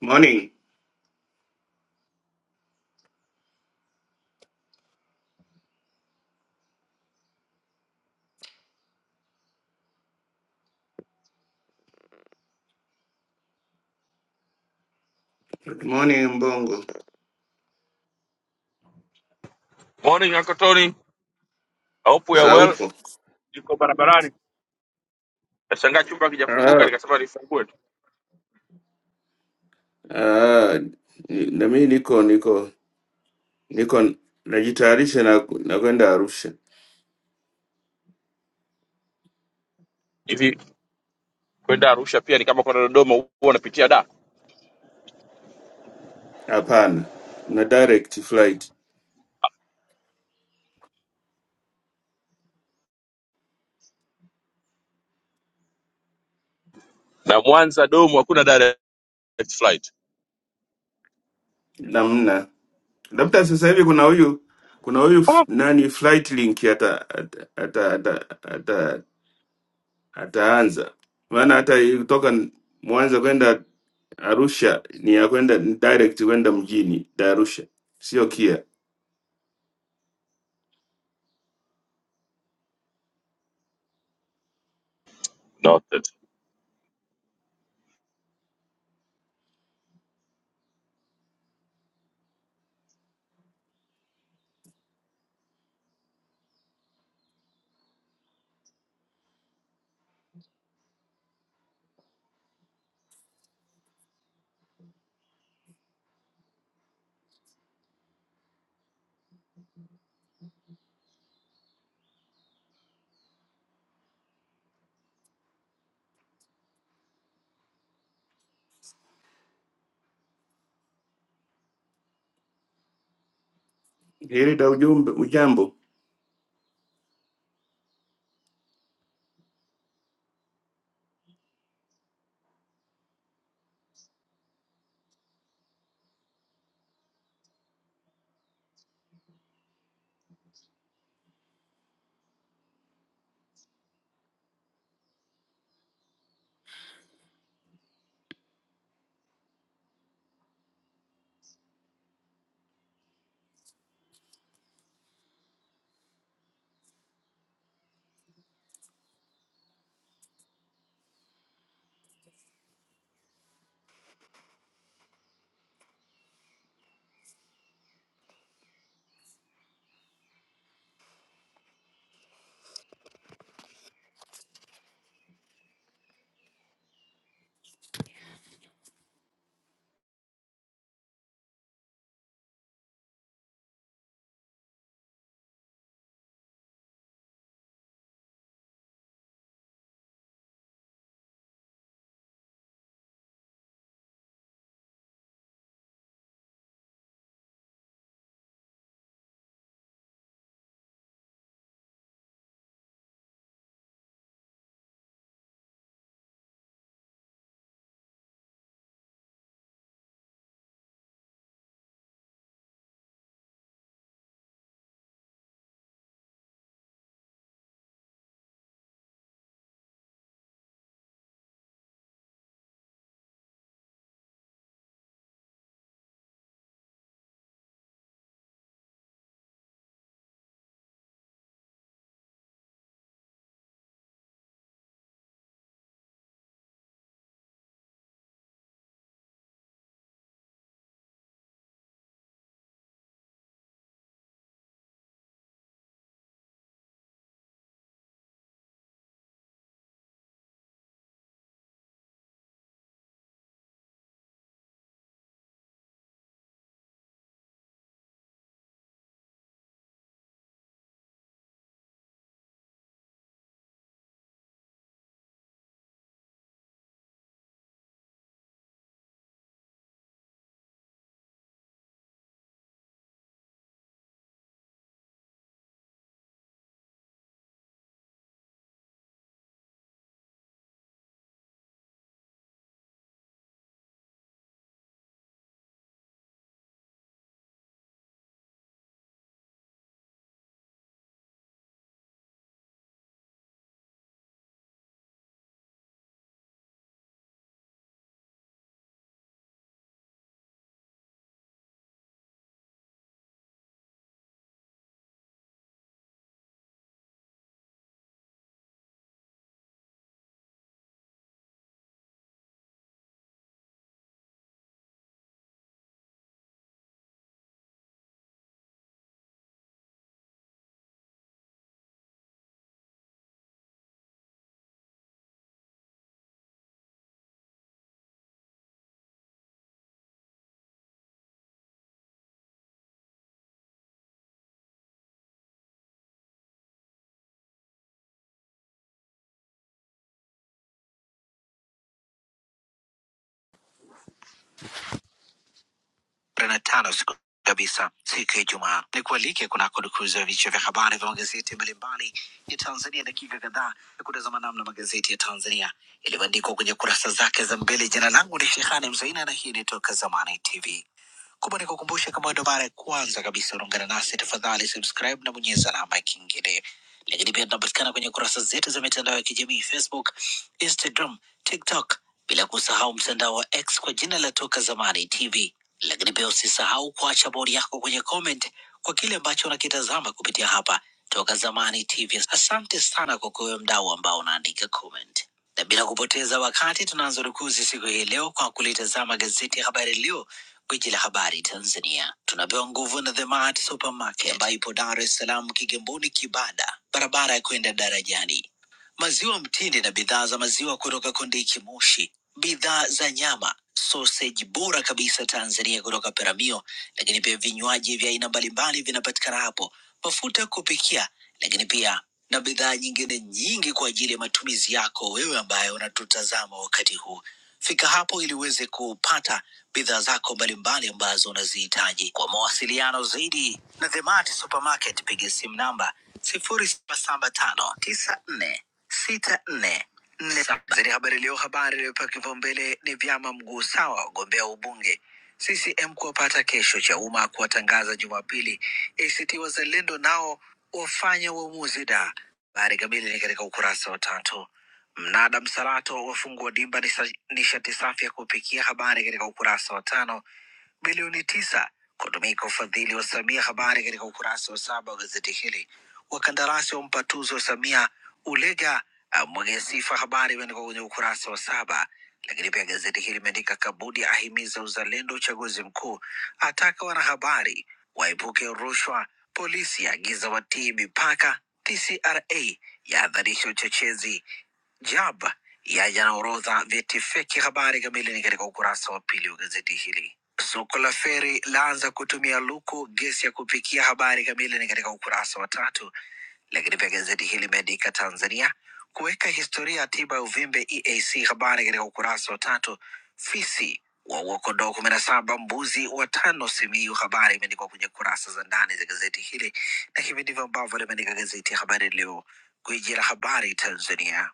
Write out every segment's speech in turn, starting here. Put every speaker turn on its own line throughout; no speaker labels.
Morning. Good Morning Mbongo.
Morning Uncle Tony. I hope we are
Za
well.
upo?
Niko barabarani. Nashangaa chumba hakijafunguka
Ah,
nikasema nifungue tu.
ah, ni- na mimi niko niko niko najitayarisha na na kwenda Arusha.
Hivi kwenda Arusha pia ni kama kwenda Dodoma huwa unapitia da.
Hapana, na direct flight
Na Mwanza Domo hakuna direct flight.
namna. Labda sasa hivi kuna huyu kuna huyu f-
Oh.
nani flight link ata ata ata ata, ata, ataanza maana hata kutoka Mwanza kwenda Arusha ni ya kwenda ni direct kwenda mjini da Arusha, sio KIA.
Noted.
Heri da ujumbe ujambo.
ishirini na tano siku kabisa siku ya Ijumaa. Ni kualike kunako dukuzi ya vichwa vya habari vya magazeti mbalimbali ya Tanzania, dakika kadhaa ya kutazama namna magazeti ya Tanzania yalivyoandikwa kwenye kurasa zake za mbele. Jina langu ni Shehani Mzaina na hii ni Toka Zamani TV. Kumbe nikukumbushe, kama wewe ndo mara ya kwanza kabisa unaungana nasi, tafadhali subscribe na bonyeza alama ya kengele. Lakini pia tunapatikana kwenye kurasa zetu za mitandao ya kijamii Facebook, Instagram, TikTok, bila kusahau mtandao wa X kwa jina la Toka Zamani TV. Lakini pia usisahau kuacha bodi yako kwenye comment kwa kile ambacho unakitazama kupitia hapa Toka Zamani TV. Asante sana kwa kuwe mdau ambao unaandika comment, na bila kupoteza wakati tunaanza rukuzi siku hii leo kwa kulitazama gazeti ya Habari Leo Gwiji la habari Tanzania tunapewa nguvu na The Mart Supermarket ambayo ipo Dar es Salaam, Kigamboni, Kibada, barabara ya kwenda darajani. Maziwa mtindi na bidhaa za maziwa kutoka Kondiki Moshi, bidhaa za nyama, soseji bora kabisa Tanzania kutoka Peramio, lakini pia vinywaji vya aina mbalimbali vinapatikana hapo, mafuta ya kupikia, lakini pia na bidhaa nyingine nyingi kwa ajili ya matumizi yako wewe ambaye unatutazama wakati huu. Fika hapo ili uweze kupata bidhaa zako mbalimbali ambazo unazihitaji. Kwa mawasiliano zaidi na The Mart Supermarket, piga simu namba sifuri saba saba tano tisa nne sita nne nne saba. Gazeti Habari Leo, habari iliyopewa kipaumbele ni vyama mguu sawa wagombea ubunge CCM kuwapata kesho, Chauma kuwatangaza Jumapili, ACT Wazalendo nao wafanya uamuzi da. Habari kamili ni katika ukurasa wa tatu. Mnada msalato wafungua dimba nisa- nishati safi ya kupikia habari katika ukurasa wa tano. Bilioni tisa kutumika ufadhili wa Samia, habari katika ukurasa wa saba wa gazeti hili. Wakandarasi wampa tuzo Samia, Ulega amwagia sifa, habari imeandikwa kwenye ukurasa wa saba. Lakini pia gazeti hili limeandika Kabudi ahimiza uzalendo uchaguzi mkuu, ataka wanahabari waepuke rushwa, polisi agiza watii mipaka, TCRA yaadharisha uchochezi JAB yaja na orodha vyeti feki. Habari kamili ni katika ukurasa wa pili wa gazeti hili. Soko la feri laanza kutumia luku gesi ya kupikia. Habari kamili ni katika ukurasa wa tatu. Lakini pia gazeti hili limeandika Tanzania kuweka historia ya tiba ya uvimbe EAC, habari katika ukurasa wa tatu. Fisi waua kondoo kumi na saba, mbuzi watano Simiyu, habari imeandikwa kwenye kurasa za ndani za gazeti hili, na hivi ndivyo ambavyo limeandika gazeti ya Habari Leo, gwiji la habari Tanzania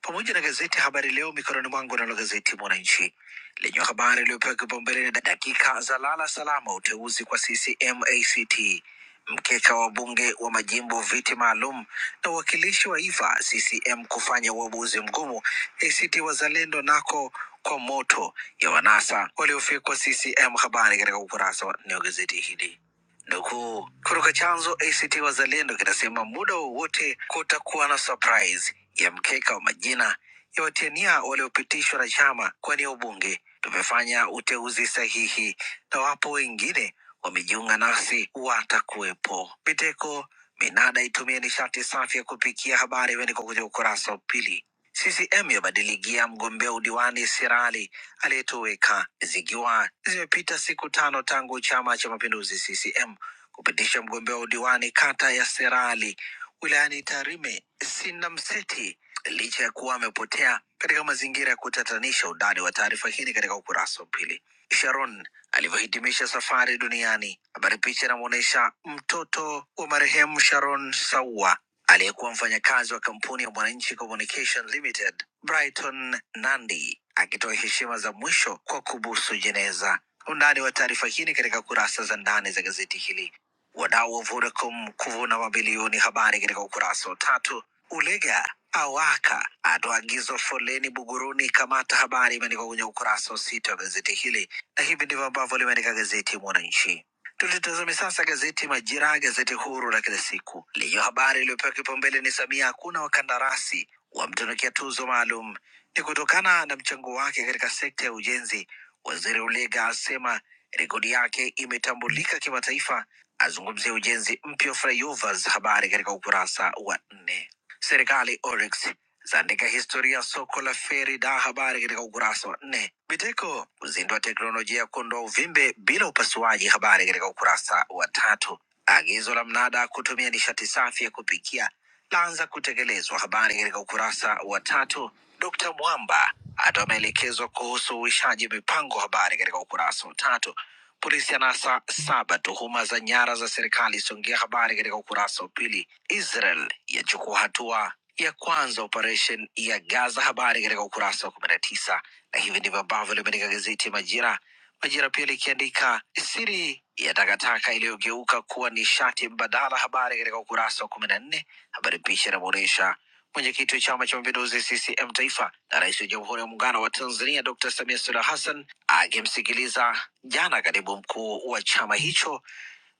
pamoja na gazeti Habari Leo mikononi mwangu, nalo gazeti Mwananchi lenye habari iliyopewa kipaumbele ni dakika za lala salama, uteuzi kwa CCM ACT. Mkeka wa bunge wa majimbo viti maalum na uwakilishi wa Iva CCM kufanya uamuzi mgumu ACT Wazalendo nako kwa moto ya wanasa waliofikwa CCM. Habari katika ukurasa wa nne wa gazeti hili. Nukuu kutoka chanzo ACT Wazalendo kinasema muda wowote kutakuwa na surprise ya mkeka wa majina ya watiania waliopitishwa na chama kuwania ubunge. Tumefanya uteuzi sahihi na wapo wengine wamejiunga nasi watakuwepo. Biteko Minada itumie nishati safi ya kupikia, habari imeandikwa kwenye ukurasa wa pili. CCM yabadiligia mgombea udiwani Sirali aliyetoweka, zikiwa zimepita siku tano tangu Chama cha Mapinduzi CCM kupitisha mgombea udiwani kata ya Sirali wilayani Tarime Sina Mseti, licha ya kuwa amepotea katika mazingira ya kutatanisha. Undani wa taarifa hii ni katika ukurasa wa pili. Sharon alivyohitimisha safari duniani. Habari picha inamwonyesha mtoto wa marehemu Sharon Saua aliyekuwa mfanyakazi wa kampuni ya Mwananchi Communication Limited Brighton Nandi akitoa heshima za mwisho kwa kubusu jeneza. Undani wa taarifa hii ni katika kurasa za ndani za gazeti hili. Wadau wa Vodacom kuvuna mabilioni, habari katika ukurasa wa tatu. Ulega awaka atoa agizo foleni Buguruni, kamata habari imeandikwa kwenye ukurasa wa sita wa gazeti hili na hivi ndivyo ambavyo limeandika gazeti Mwananchi. Tulitazame sasa gazeti Majira, gazeti huru la kila siku lenye habari iliyopewa kipaumbele ni Samia hakuna wakandarasi wamtunukia tuzo maalum, ni kutokana na mchango wake katika sekta ya ujenzi. Waziri Ulega asema rekodi yake imetambulika kimataifa, azungumzia ujenzi mpya wa flyovers, habari katika ukurasa wa nne. Serikali Oryx zaandika historia ya soko la feri da habari katika ukurasa wa nne. Biteko kuzindua teknolojia ya kuondoa uvimbe bila upasuaji, habari katika ukurasa wa tatu. Agizo la mnada kutumia nishati safi ya kupikia laanza kutekelezwa, habari katika ukurasa wa tatu. Dkt Mwamba atoa maelekezo kuhusu uishaji mipango, habari katika ukurasa wa tatu. Polisi anasa saba tuhuma za nyara za serikali Songea. Habari katika ukurasa wa pili. Israel yachukua hatua ya kwanza operation ya Gaza. Habari katika ukurasa wa kumi na tisa. Na hivi ndivyo ambavyo limeandika gazeti Majira. Majira pia likiandika siri ya takataka iliyogeuka kuwa nishati mbadala. Habari katika ukurasa wa kumi na nne. Habari picha inamuonyesha mwenyekiti wa Chama cha Mapinduzi CCM Taifa na rais wa Jamhuri ya Muungano wa Tanzania Dr. Samia Suluhu Hassan akimsikiliza jana katibu mkuu wa chama hicho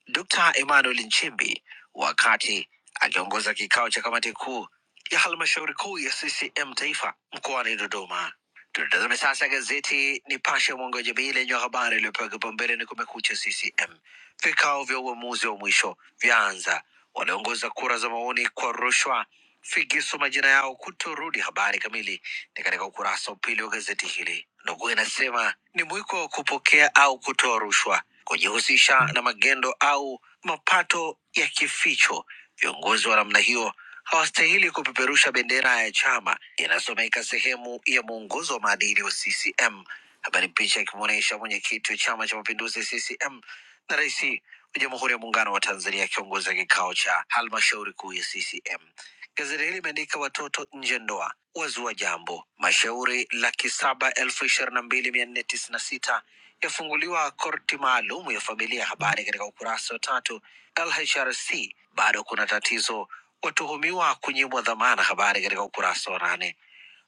Dr. Emmanuel Nchimbi wakati akiongoza kikao cha kamati kuu ya halmashauri kuu ya CCM taifa mkoani Dodoma. Tunatazame sasa gazeti Nipashe mwanga wa jamii lenye habari iliyopewa kipaumbele ni Kumekucha CCM. Vikao vya uamuzi wa mwisho vyaanza, walioongoza kura za maoni kwa rushwa figisu majina yao kutorudi. Habari kamili ni katika ukurasa wa pili wa gazeti hili. Nukuu inasema ni mwiko wa kupokea au kutoa rushwa, kujihusisha na magendo au mapato ya kificho. Viongozi wa namna hiyo hawastahili kupeperusha bendera ya chama, inasomeka sehemu ya mwongozo wa maadili wa CCM. Habari picha ikimwonyesha mwenyekiti wa Chama cha Mapinduzi CCM na rais wa Jamhuri ya Muungano wa Tanzania akiongoza kikao cha halmashauri kuu ya CCM. Gazeti hili limeandika watoto nje ndoa wazua jambo, mashauri laki saba elfu ishirini na mbili mia nne tisini na sita yafunguliwa korti maalum ya familia. Habari katika ukurasa wa tatu. LHRC bado kuna tatizo, watuhumiwa kunyimwa dhamana. Habari katika ukurasa wa nane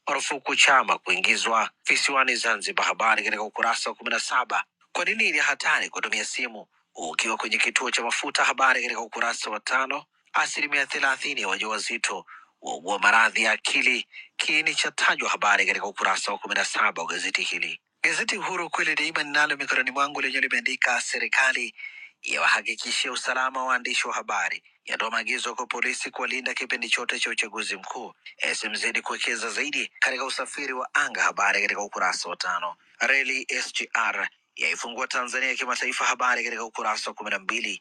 marufuku chama kuingizwa visiwani Zanzibar. Habari katika ukurasa wa kumi na saba. Kwa nini ni hatari kutumia simu ukiwa kwenye kituo cha mafuta? Habari katika ukurasa wa tano. Asilimia thelathini ya wajawazito waugua maradhi ya akili, kiini cha tajwa. Habari katika ukurasa wa kumi na saba wa gazeti hili. Gazeti Uhuru kweli daima ninalo mikononi mwangu lenye limeandika serikali yawahakikishia usalama waandishi wa habari, yatoa maagizo kwa polisi kuwalinda kipindi chote cha uchaguzi mkuu. SMZ kuwekeza zaidi katika usafiri wa anga. Habari katika ukurasa wa tano. Reli SGR yaifungua Tanzania kimataifa. Habari katika ukurasa wa kumi na mbili.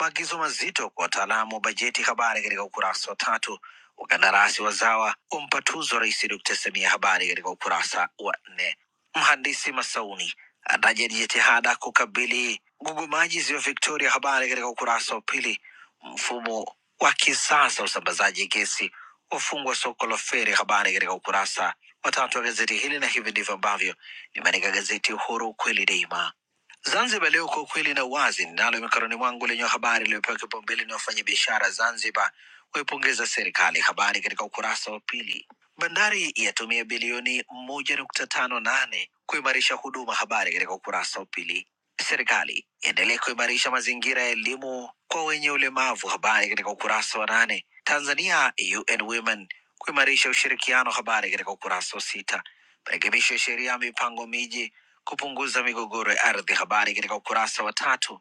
Maagizo mazito kwa wataalamu wa bajeti, habari katika ukurasa wa tatu. Wakandarasi wazawa wampa tuzo Rais Dr. Samia, habari katika ukurasa wa nne. Mhandisi Masauni ataja jitihada kukabili gugumaji ziwa Victoria, habari katika ukurasa wa pili. Mfumo wa kisasa wa usambazaji gesi wafungwa soko la feri, habari katika ukurasa wa tatu wa gazeti hili, na hivi ndivyo ambavyo limeandika gazeti Uhuru, kweli daima. Zanzibar Leo kwa ukweli na uwazi ninalo mikononi mwangu lenye habari iliyopewa kipaumbele ni wafanyabiashara Zanzibar waipongeza serikali. Habari katika ukurasa wa pili. Bandari yatumia bilioni moja nukta tano nane kuimarisha huduma. Habari katika ukurasa wa pili. Serikali yaendelea kuimarisha mazingira ya elimu kwa wenye ulemavu. Habari katika ukurasa wa nane. Tanzania UN Women kuimarisha ushirikiano. Habari katika ukurasa wa sita. Marekebisho ya sheria ya mipango miji kupunguza migogoro ya ardhi, habari katika ukurasa wa tatu.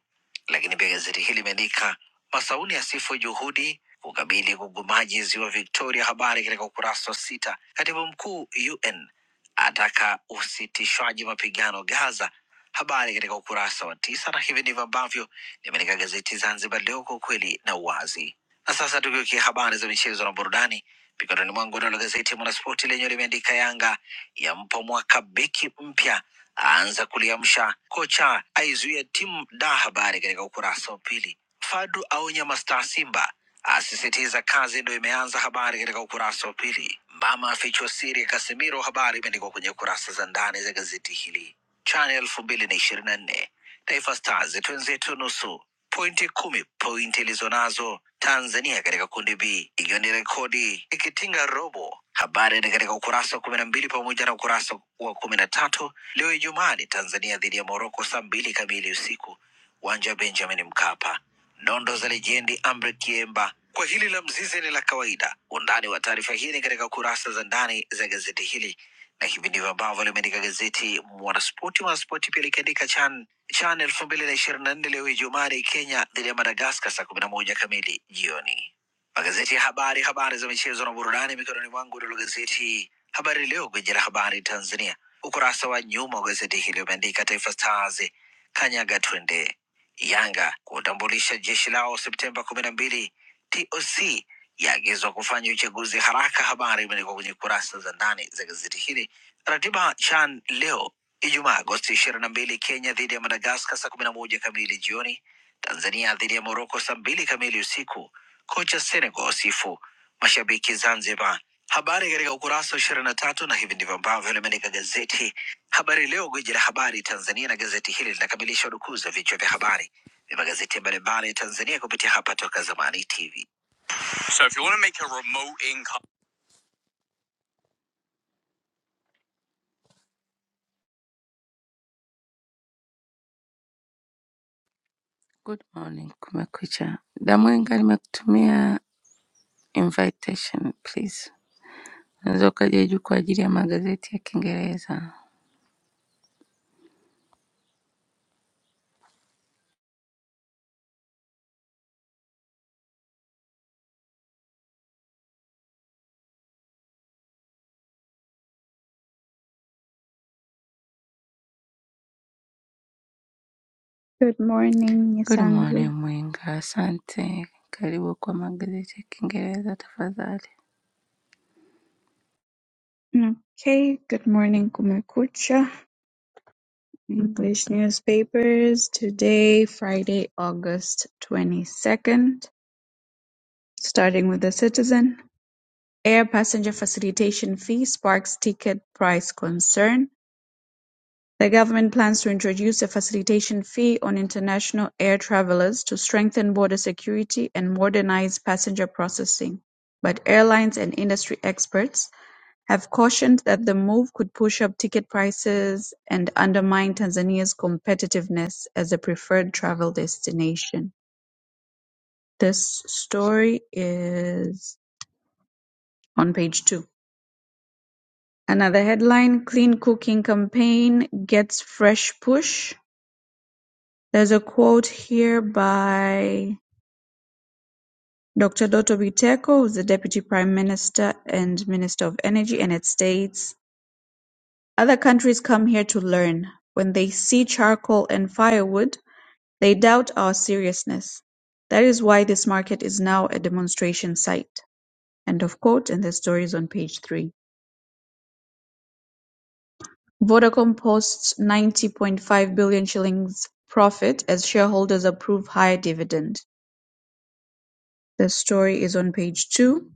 Lakini pia gazeti hili limeandika Masauni asifu juhudi kukabili gugumaji ziwa Victoria, habari katika ukurasa wa sita. Katibu mkuu UN ataka usitishwaji mapigano Gaza, habari katika ukurasa wa tisa. Na hivi ndivyo ambavyo limeandika gazeti Zanzibar Leo, kwa ukweli na uwazi. Na sasa tugeukia habari za michezo na burudani. Mikononi mwangu nalo gazeti ya Mwanaspoti lenyewe limeandika Yanga yampa mwaka beki mpya aanza kuliamsha, kocha aizuia timu da, habari katika ukurasa wa pili. Fadu aonya mastaa Simba, asisitiza kazi ndo imeanza, habari katika ukurasa wa pili. Mama afichwa siri ya Kasimiro, habari imeandikwa kwenye kurasa za ndani za gazeti hili. Chani elfu mbili na ishirini na nne Taifa Stars twenzetu nusu pointi kumi, pointi ilizonazo Tanzania katika kundi B ikiwa ni rekodi ikitinga robo. Habari ni katika ukurasa wa kumi na mbili pamoja na ukurasa wa kumi na tatu. Leo Ijumaa ni Tanzania dhidi ya Moroko saa mbili kamili usiku, uwanja wa Benjamin Mkapa. Nondo za lejendi Amri Kiemba. Kwa hili la Mzize ni la kawaida. Undani wa taarifa hii ni katika kurasa za ndani za gazeti hili na hivi ndivyo ambavyo limeandika gazeti Mwanaspoti. Mwanaspoti pia likiandika CHAN CHAN elfu mbili na ishirini na nne leo Ijumaa ni Kenya dhidi ya Madagaskar saa kumi na moja kamili jioni. Magazeti ya habari, habari za michezo na burudani mikononi mwangu. Nalo gazeti Habari Leo, gwiji la habari Tanzania, ukurasa wa nyuma wa gazeti hili umeandika Taifa Stars kanyaga twende, Yanga kutambulisha jeshi lao Septemba kumi na mbili, TOC yaagizwa kufanya uchaguzi haraka. Habari imeandikwa kwenye kurasa za ndani za gazeti hili Ratiba CHAN leo Ijumaa Agosti ishirini na mbili, Kenya dhidi ya Madagaskar saa kumi na moja kamili jioni, Tanzania dhidi ya Moroko saa mbili kamili usiku. Kocha Senegal wasifu mashabiki Zanzibar. Habari katika ukurasa wa ishirini na tatu, na hivi ndivyo ambavyo limeandika gazeti Habari Leo, gwiji la habari Tanzania, na gazeti hili linakamilisha udukuzi wa vichwa vya habari vya magazeti mbalimbali ya Tanzania kupitia hapa Toka Zamani TV. So if you want to make a remote income... Good morning, kumekucha. Damwenga nimekutumia Invitation please. Unaweza ukaja juu kwa ajili ya magazeti ya Kiingereza.
Good morning,
Good morning
Nisanzu.
Mwinga, asante. Karibu kwa magazeti ya Kiingereza tafadhali.
Okay, good morning, Kumekucha. English newspapers today, Friday, August 22nd. Starting with the citizen. Air passenger facilitation fee sparks ticket price concern. The government plans to introduce a facilitation fee on international air travelers to strengthen border security and modernize passenger processing. But airlines and industry experts have cautioned that the move could push up ticket prices and undermine Tanzania's competitiveness as a preferred travel destination. This story is on page two. Another headline Clean Cooking Campaign Gets Fresh Push. There's a quote here by Dr. Doto Biteko, who's the Deputy Prime Minister and Minister of Energy, and it states Other countries come here to learn. When they see charcoal and firewood, They doubt our seriousness. That is why this market is now a demonstration site. End of quote, and the story is on page three. Vodacom posts 90.5 billion shillings profit as shareholders approve higher dividend. The story is on page two,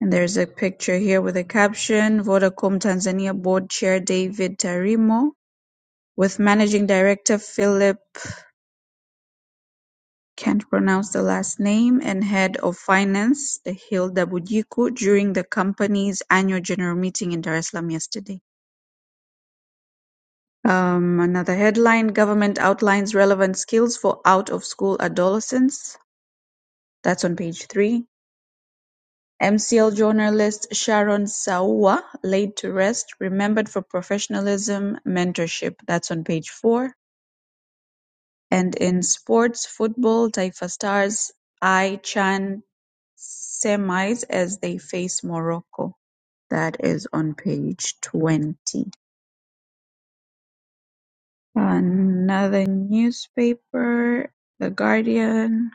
and there's a picture here with a caption Vodacom Tanzania board chair David Tarimo with managing director Philip Can't pronounce the last name and head of finance Hilda Budiku during the company's annual general meeting in Dar es Salaam yesterday. Um, another headline, government outlines relevant skills for out-of-school adolescents. That's on page three. MCL journalist Sharon Sawa, laid to rest, remembered for professionalism, mentorship. That's on page four. And in sports, football, Taifa Stars, I Chan Semites as they faced Morocco. That is on page 20. Another newspaper, The Guardian.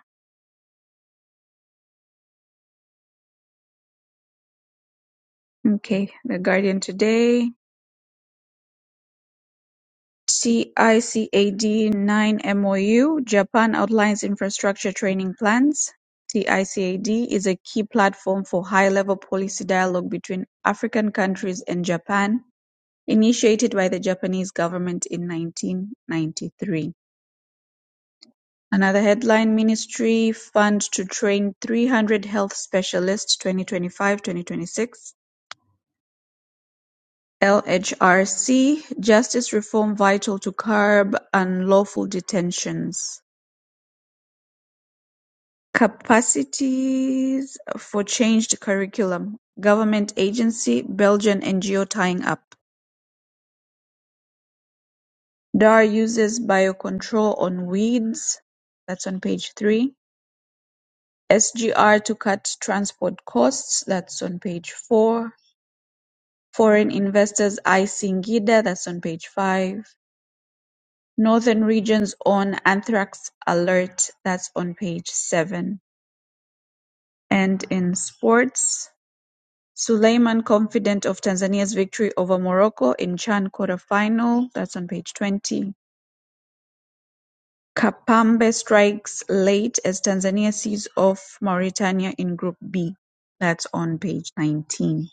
Okay, The Guardian today. TICAD 9 MOU, Japan outlines infrastructure training plans. TICAD is a key platform for high level policy dialogue between African countries and Japan, initiated by the Japanese government in 1993. Another headline: Ministry fund to train three hundred health specialists (2025-2026). LHRC: Justice reform vital to curb unlawful detentions. Capacities for changed curriculum. Government agency, Belgian NGO tying up. DAR uses biocontrol on weeds. That's on page three. SGR to cut transport costs. That's on page four. Foreign investors eyeing Gida (that's on page five. Northern Region's on Anthrax Alert (that's on page seven. And in sports, Suleiman confident of Tanzania's victory over Morocco in CHAN quarterfinal (that's on page 20). Kapambe strikes late as Tanzania sees off Mauritania in Group B (that's on page 19).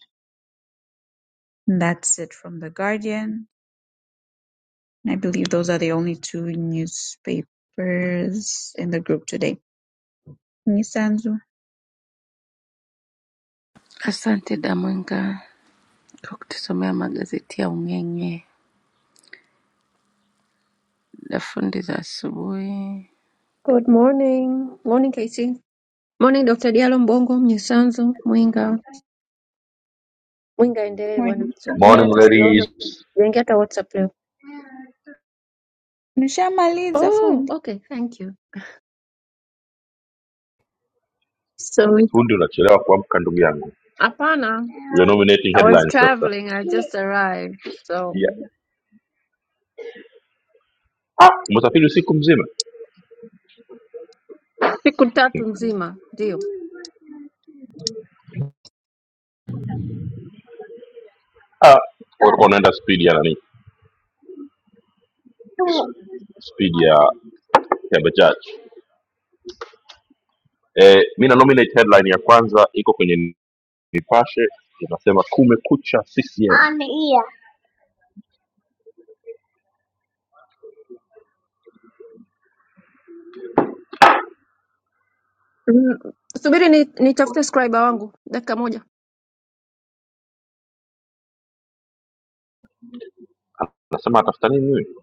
And that's it from The Guardian. And I believe those are the only two newspapers in the group today. Nisanzu,
Asante da Mwinga kwa kutusomea magazeti ya Ung'eng'e, dafundi za asubuhi.
Good morning. Morning KC. Morning Dr. Diallo Mbongo, Mnyisanzu, Mwinga. Mwinga endelee bwana
wani-
kusoma.
wani-
Mimi
Morning
hata sijaona.
ladies.
Niingia hata WhatsApp leo.
nimeshamaliza
Oh,
fundi.
okay, thank you. So, it-
Fundi unachelewa kuamka ndugu yangu.
hapana.
You're nominating
I was
headlines sasa.
traveling, I just arrived. So,
Yeah. Umesafiri usiku mzima?
siku tatu nzima, ndio.
Ah, ulikuwa unaenda speed ya nani? Speed ya ya bajaji. Eh, mimi na nominate headline ya kwanza iko kwenye Nipashe inasema kumekucha CCM.
Mm, Subiri ni nitafute scriber wangu dakika moja.
Nasema atafuta nini huyu?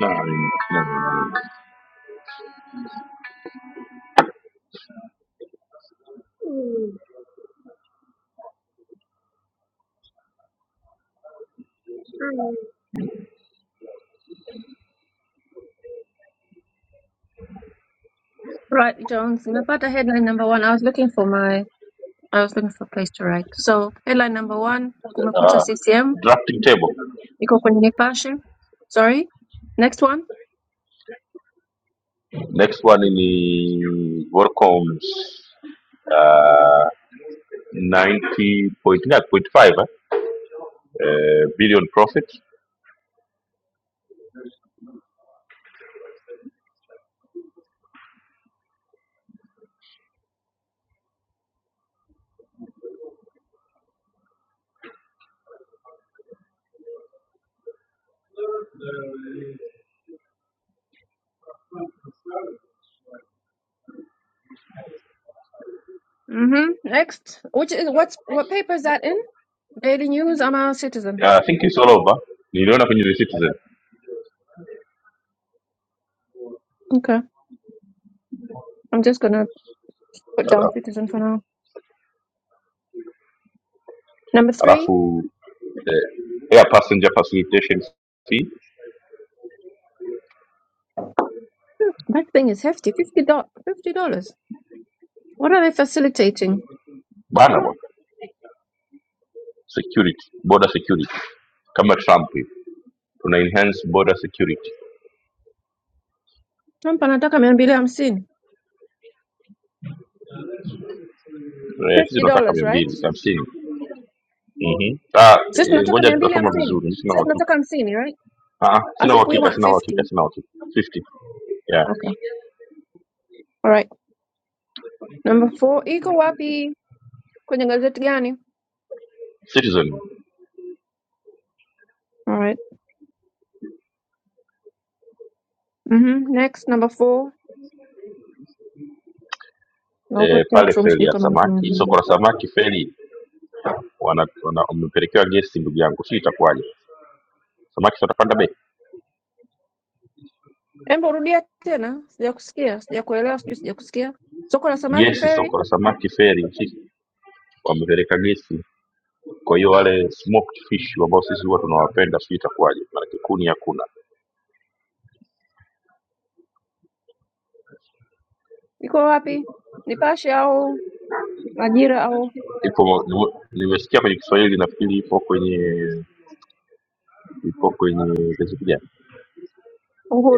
Na, na,
Right, Jones. Nimepata headline number one. I was looking for my I was looking for a place to write. So, headline number one, Kumekucha
ah,
CCM
drafting table.
Eco Koenig Sorry. Next one.
Next one ni Workom's uh, 90 point ngapi? point five eh? Eh, billion profit.
Mm-hmm. Next. Which is what's what paper is that in? Daily News. I'm a citizen.
Yeah, I think it's all over. Niliona kwenye The Citizen.
Okay. I'm just gonna put down
Ala-
citizen for now. Number three.
Alafu eh, air passenger facilitation fee
Hmm, That thing is hefty. Fifty dollars. Fifty dollars. What are they facilitating?
bana bwana. Security, border security kama Trump hivi. tuna enhance border security
Trump anataka mia mbili hamsini.
eh, sisi
Fifty
tunataka
dollars,
mia
right?
mbili hamsini Mhm. Ah,
Sisi
eh,
tunataka
ngoja
mia mbili
tutasoma
hamsini.
vizuri sina
Sisi tunataka
uhakika
hamsini, right?
Ah, ah,
I
sina
think we
uhakika
want
sina uhakika
fifty.
sina uhakika 50 yeah.
Okay. All right. Number four. Iko wapi? Kwenye gazeti gani?
citizen
All right. Mm-hmm. Next. Number four. na huko
eh, pale
chatroom
feli
sijui
ya
kama mtu
samaki
anajua.
soko la samaki feli wana- wana- wamepelekewa gesi ndugu yangu si itakuwaje samaki si watapanda bei
Embo rudia tena, sijakusikia, sijakuelewa, sijui sijakusikia. Soko la samaki
gesi
feri
soko la samaki feri si wamepeleka gesi kwa hiyo wale smoked fish ambao sisi huwa tunawapenda si itakuwaje maanake kuni hakuna
iko wapi? Nipashe au Majira au
ipo nime- nimesikia kwenye Kiswahili nafikiri ipo kwenye ipo kwenye gazeti gani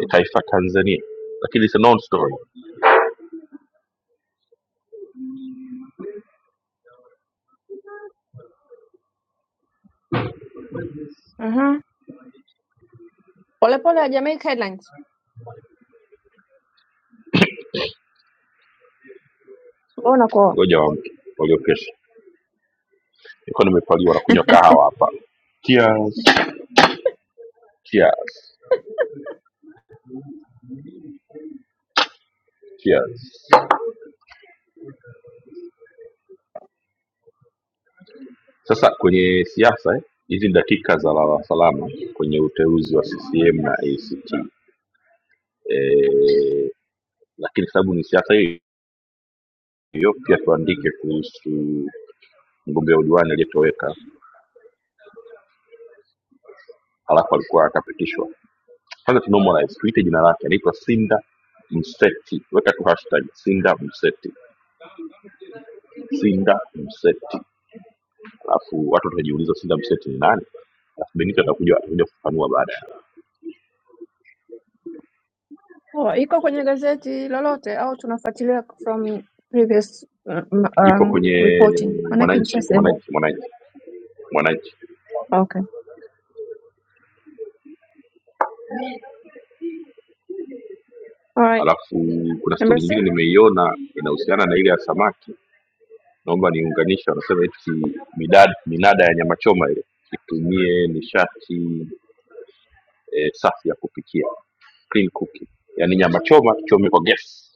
Eh, Taifa Tanzania, lakini it's a non story.
Aha. Polepole ya Jamaica Headlines. Mbona kwa
Ngoja waamke walio kesho. Nilikuwa nimepaliwa na kunywa kahawa hapa. Cheers. Cheers. Sasa kwenye siasa eh, hizi ni dakika za lala salama kwenye uteuzi wa CCM na ACT eh, lakini sababu ni siasa hiyo hiyo, pia tuandike kuhusu mgombea udiwani aliyetoweka alafu alikuwa akapitishwa Kwanza tunamuona tuite jina lake, anaitwa Sinda Mseti. Weka tu hashtag Sinda Mseti, Sinda Mseti, alafu watu watajiuliza Sinda Mseti ni nani, alafu Benito atakuja atakuja kufafanua baadaye.
oh, iko kwenye gazeti lolote au tunafuatilia from previous um,
Ipo
um,
kwenye
reporting? Maanake
Mwananchi,
ilishasema.
Mwananchi, Mwananchi, Mwananchi.
Okay. Alright.
Alafu kuna
Number
stori
six.
nyingine nimeiona inahusiana na ile ya samaki, naomba niunganishe. Wanasema eti midad, minada ya nyama choma ile itumie nishati eh, safi ya kupikia, clean cooking, yaani nyama choma tuchome kwa gesi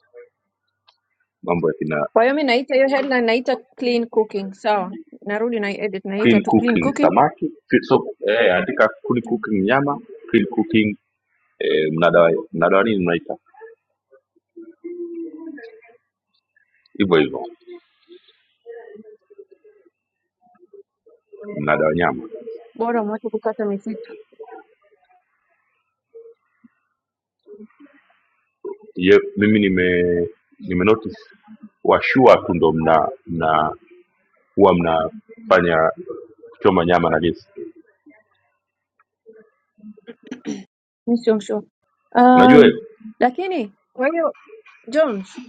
mambo ya kina
Kwa hiyo mi naita hiyo headline naita clean cooking. Sawa. Narudi na edit naita
clean
tu clean
cooking
cooking.
samaki clean- so eh, andika clean cooking nyama clean cooking eh, mnada wa- mnada wa nini mnaita hivyo hivyo mnada wa nyama
Bora mwache kukata misiki.
Ye, mimi nime nime notice washua tu ndo mna mna huwa mnafanya kuchoma nyama na gesi
Mimi sio sure.
unajua
Um,
hiyo
lakini kwa hiyo Jones,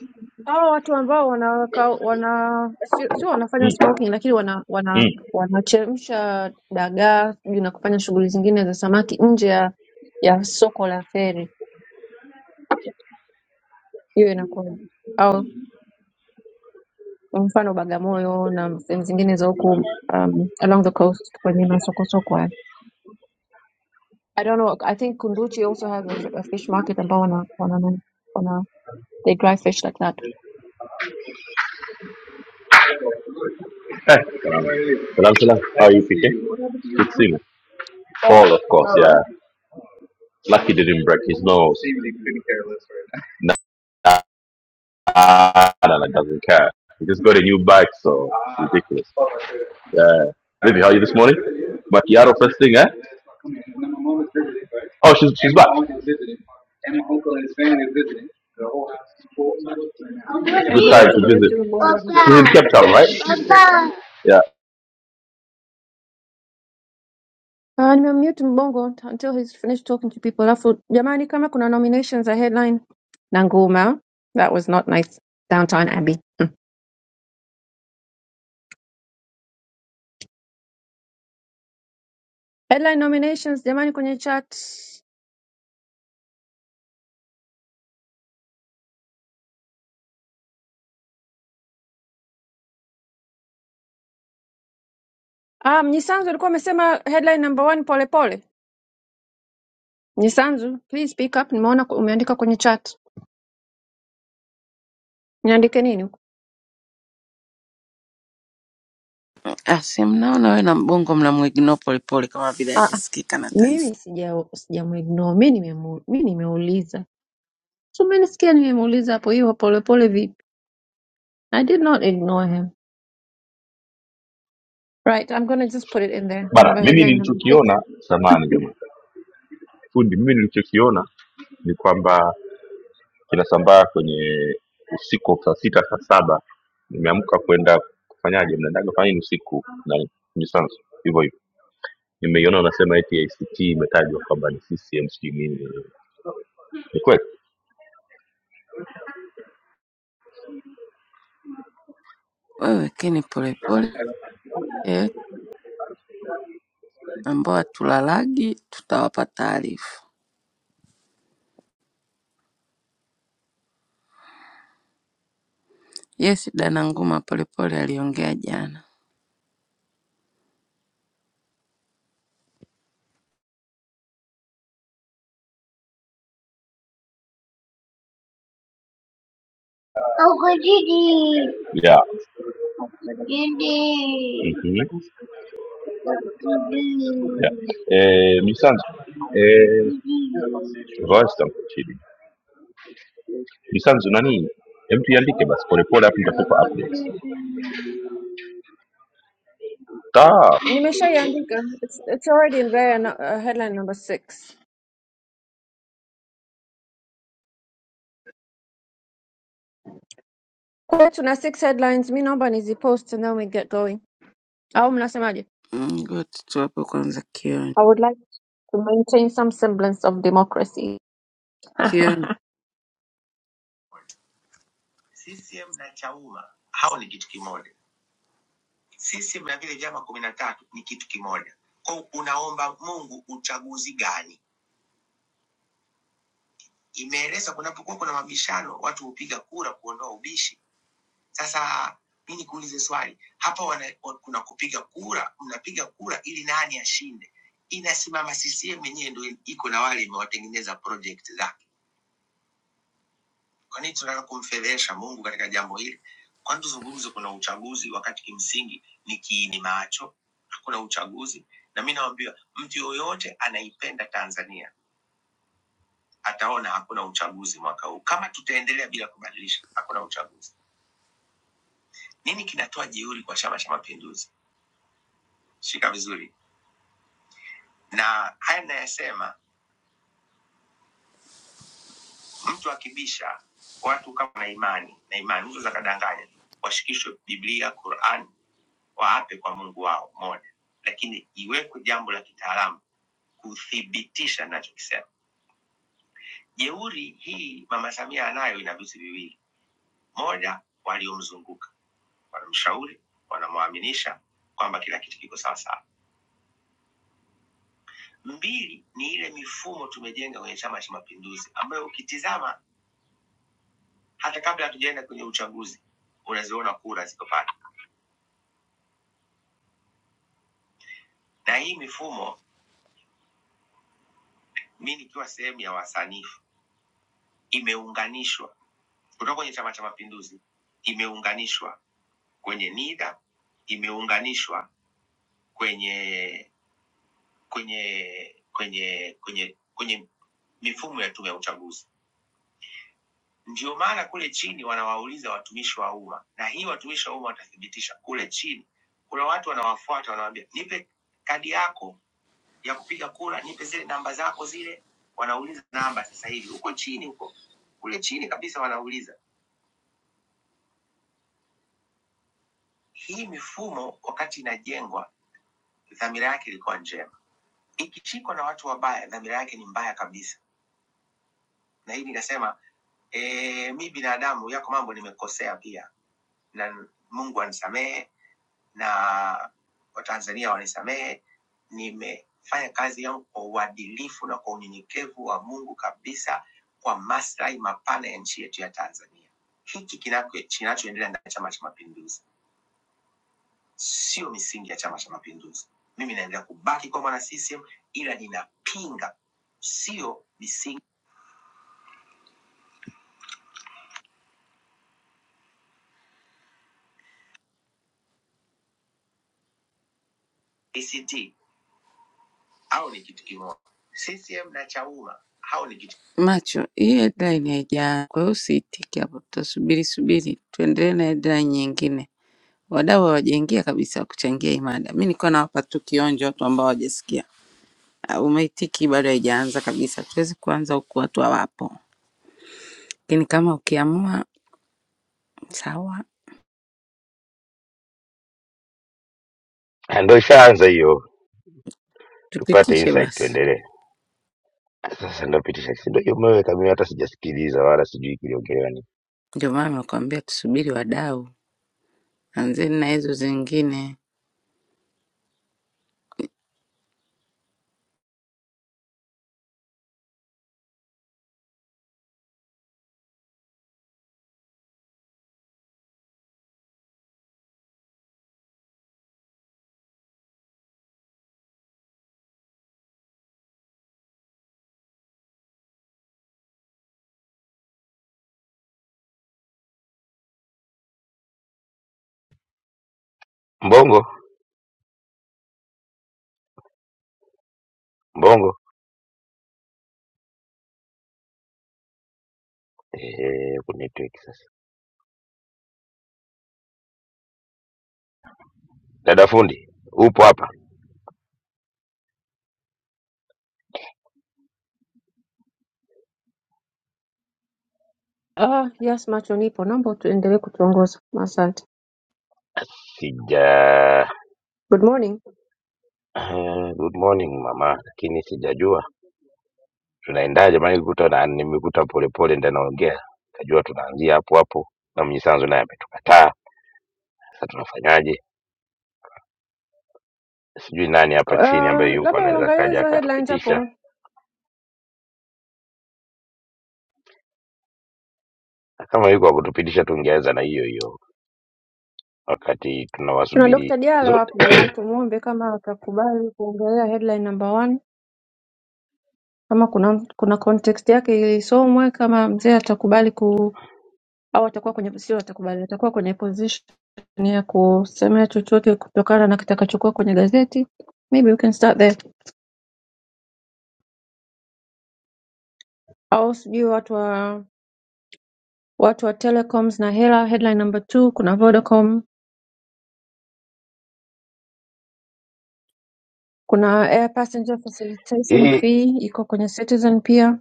hawa watu ambao wanaweka wana sio sio wanafanya
Mm,
smoking lakini wana wana
mm.
wanachemsha dagaa sijui na kufanya shughuli zingine za samaki nje ya ya soko la feri, hiyo inakuwaje? Au kwa mfano Bagamoyo na sehemu zingine za huku um, along the coast kwenye masoko soko haya. I don't know. I think Kunduchi also has a, f- a fish market ambao wana wana wana they dry fish like that.
Eh, salam salam how are you PK good to see you Paul of course yeah lucky didn't break his nose No, Ah, no, that doesn't care. You just got a new bike, so it's ridiculous. Yeah. Baby, how are you this morning? Macchiato first thing, eh? Oh, she's she's back. And my uncle and his family is visiting. The whole house is full.
Eh,
Good
ngoja
time to visit.
tumute huyu bongo. hapa.
She's in Cape Town, right? Papa. Yeah.
Uh, nimemute Mbongo until he's finished talking to people. Alafu jamani, kama kuna nominations za headline na Nguma, that was not nice. Downtown Abbey. Mm. Headline nominations jamani, kwenye chat. Ah, Mnyisanzu alikuwa amesema headline number one polepole. Mnyisanzu, please speak up. Nimeona ku- umeandika kwenye chat. Niandike nini huko?
Asi, mnaona wewe na mbongo mnamwignore polepole kama vile
Ah, ah,
hajasikika na taifa.
mimi sija sijamuignore. Mimi nimemu, mimi nimeuliza. So mimi nisikia nimemuuliza hapo hiyo polepole vipi? I did not ignore him. Right, I'm going to just put it in there.
Bana,
Number
mimi
headline number six.
nilichokiona samani jamani. Fundi mimi nilichokiona ni kwamba kinasambaa kwenye usiku wa saa sita saa saba nimeamka kwenda kufanyaje mnaendaga kufanya nini usiku na Renaissance hivyo hivyo nimeiona unasema eti ACT imetajwa kwamba ni CCM sijui nini ni kweli
Wewe keni polepole eh, ambao hatulalagi tutawapa taarifa. Yes, dana Nguma polepole aliongea jana.
Huko jiji. yeah. Jiji. mm-hmm. Jiji. yeah. eh, Renaissance eh, Royston Nisanzu nani? Hem tuiandike basi polepole, hapo nitakupa updates. Sawa,
Nimeshaiandika. It's, it's already in there. no- Uh, headline number six. Kwa hiyo tuna six headlines. Mi naomba nizipost and then we get going. Au mnasemaje?
Mm, Ngoja tuwape kwanza Kioni.
I would like to maintain some semblance of democracy.
Kioni, CCM na Chauma hao ni kitu kimoja. CCM na vile vyama kumi na tatu ni kitu kimoja. Kwa hiyo unaomba Mungu uchaguzi gani? Imeeleza kunapokuwa kuna mabishano, watu hupiga kura kuondoa ubishi. Sasa mi nikuulize swali hapa, wana, wa- kuna kupiga kura, mnapiga kura ili nani ashinde? Inasimama CCM yenyewe ndio iko na wale imewatengeneza project zake. Kwa nini tunataka kumfedhesha Mungu katika jambo hili? Kwani tuzungumze, kuna uchaguzi wakati kimsingi ni kiini macho, hakuna uchaguzi. Na mi nawambia mtu yoyote anaipenda Tanzania ataona hakuna uchaguzi mwaka huu, kama tutaendelea bila kubadilisha, hakuna uchaguzi. Nini kinatoa jeuri kwa Chama cha Mapinduzi? Shika vizuri, na haya nayasema, mtu akibisha watu kama na imani na imani, mtu akadanganya, washikishwe Biblia, Quran waape kwa Mungu wao moja, lakini iwekwe jambo la kitaalamu kuthibitisha ninachokisema. Jeuri hii Mama Samia anayo, ina vitu viwili: moja, waliomzunguka wanamshauri, wanamwaminisha kwamba kila kitu kiko sawasawa; mbili, ni ile mifumo tumejenga kwenye Chama cha Mapinduzi ambayo ukitizama hata kabla hatujaenda kwenye uchaguzi unaziona kura ziko pale, na hii mifumo, mi nikiwa sehemu ya wasanifu, imeunganishwa kutoka kwenye Chama cha Mapinduzi imeunganishwa kwenye NIDA, imeunganishwa kwenye kwenye kwenye kwenye kwenye mifumo ya tume ya uchaguzi. Ndio maana kule chini wanawauliza watumishi wa umma, na hii watumishi wa umma watathibitisha kule chini. Kuna watu wanawafuata, wanawaambia nipe kadi yako ya kupiga kura, nipe zile namba zako zile. Wanauliza namba sasa hivi huko chini, huko kule chini kabisa wanauliza. Hii mifumo wakati inajengwa dhamira yake ilikuwa njema. Ikishikwa na watu wabaya, dhamira yake ni mbaya kabisa. Na hii nikasema e, mi binadamu, yako mambo nimekosea pia, na Mungu anisamehe na Watanzania wanisamehe. Nimefanya kazi yangu kwa uadilifu na kwa unyenyekevu wa Mungu kabisa, kwa maslahi mapana ya nchi yetu ya Tanzania. Hiki kinako- kinachoendelea ndani ya Chama cha Mapinduzi sio misingi ya Chama cha Mapinduzi. Mimi naendelea kubaki kwa mwana CCM, ila ninapinga sio misingi ACT au ni kitu kimoja. CCM na Chauma hao ni kitu macho. Hiyo headline haijaa, kwa hiyo usiitiki hapo, tutasubiri subiri, tuendelee na headline nyingine. Wadau hawajaingia kabisa kuchangia hii mada. Mimi nilikuwa nawapa tu kionjo watu ambao hawajasikia. Ah, Umeitiki bado haijaanza kabisa, tuwezi kuanza huku watu hawapo, lakini kama ukiamua sawa.
Ah, Ndo ishaanza hiyo, tupate
Tupitishe
insight
basi.
tuendelee. Sasa ndo pitisha kidogo, hiyo umeweka mimi hata sijasikiliza wala sijui kiliongelewa nini.
Ndio maana nakwambia tusubiri wadau, anzeni na hizo zingine.
Mbongo mbongo, ehe, ku network sasa. Dada fundi, upo hapa?
Ah, yes, macho nipo. Naomba tuendelee kutuongoza. Asante.
Sija
Good morning.
eh, good morning mama, lakini sijajua tunaendaje, maana nilikuta na nimekuta polepole ndio naongea, kajua tunaanzia hapo hapo, na Mnyisanzu naye ametukataa. Sasa tunafanyaje? sijui nani hapa chini ambaye
Uh,
yupo
labda
anaweza
uangalie
kaja
hizo headlines
akatupitisha,
hapo.
na kama yuko akutupitisha, tungeweza na hiyo hiyo wakati
Tuna
tunawasubiri
Dr. Diallo
zote
hapo, tumuombe kama atakubali kuongelea headline number one. kama kuna kuna context yake ilisomwe kama mzee atakubali ku au atakuwa kwenye sio atakubali atakuwa kwenye position ya kusemea chochote kutokana na kitakachokuwa kwenye gazeti maybe we can start there au sijui watu wa watu wa telecoms na hela headline number two kuna vodacom kuna air passenger facilitation
hii.
fee iko kwenye citizen pia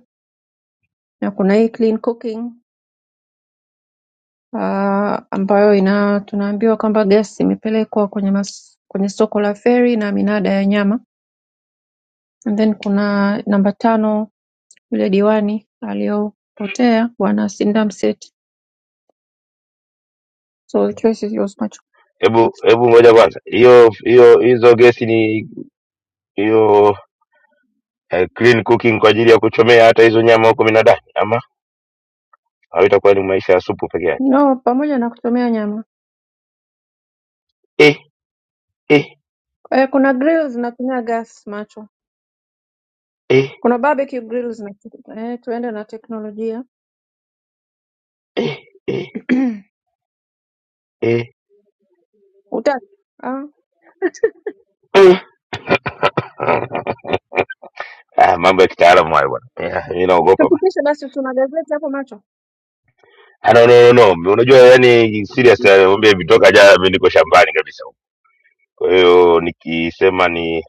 na kuna hii clean cooking uh, ambayo ina tunaambiwa kwamba gesi imepelekwa kwenye mas, kwenye soko la feri na minada ya nyama and then kuna namba tano yule diwani aliyopotea bwana Sinda Mseti. So the choice is yours macho.
Hebu hebu moja kwanza, hiyo hiyo hizo gesi ni hiyo eh, clean cooking kwa ajili ya kuchomea hata hizo nyama huko minadani, ama au itakuwa ni maisha ya supu peke yake?
No, pamoja na kuchomea nyama.
Eh, eh,
Eh, kuna grill zinatumia gas macho.
eh,
Kuna barbecue grill zinatumia. Eh, tuende na teknolojia.
eh, eh, eh.
Utaki? Ah,
eh. Ah, mambo ya kitaalamu hayo bwana, Eh, mimi naogopa
tupitishe basi usuna gazeti hapo macho.
Ah, no, no, no, no. Unajua yani serious nakwambia vitoka jana mimi niko shambani kabisa. huko. Kwa hiyo nikisema ni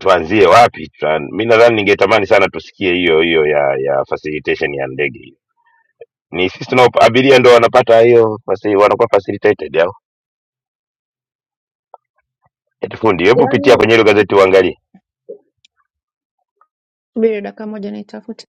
tuanzie wapi? Tuan... Mimi nadhani ningetamani sana tusikie hiyo hiyo ya ya facilitation ya ndege hiyo. Ni sisi tunao abiria ndo wanapata hiyo fasi, wanakuwa facilitated yao. Eti fundi, hebu pitia
Yaani
kwenye hilo gazeti uangalie.
subiri dakika moja niitafute.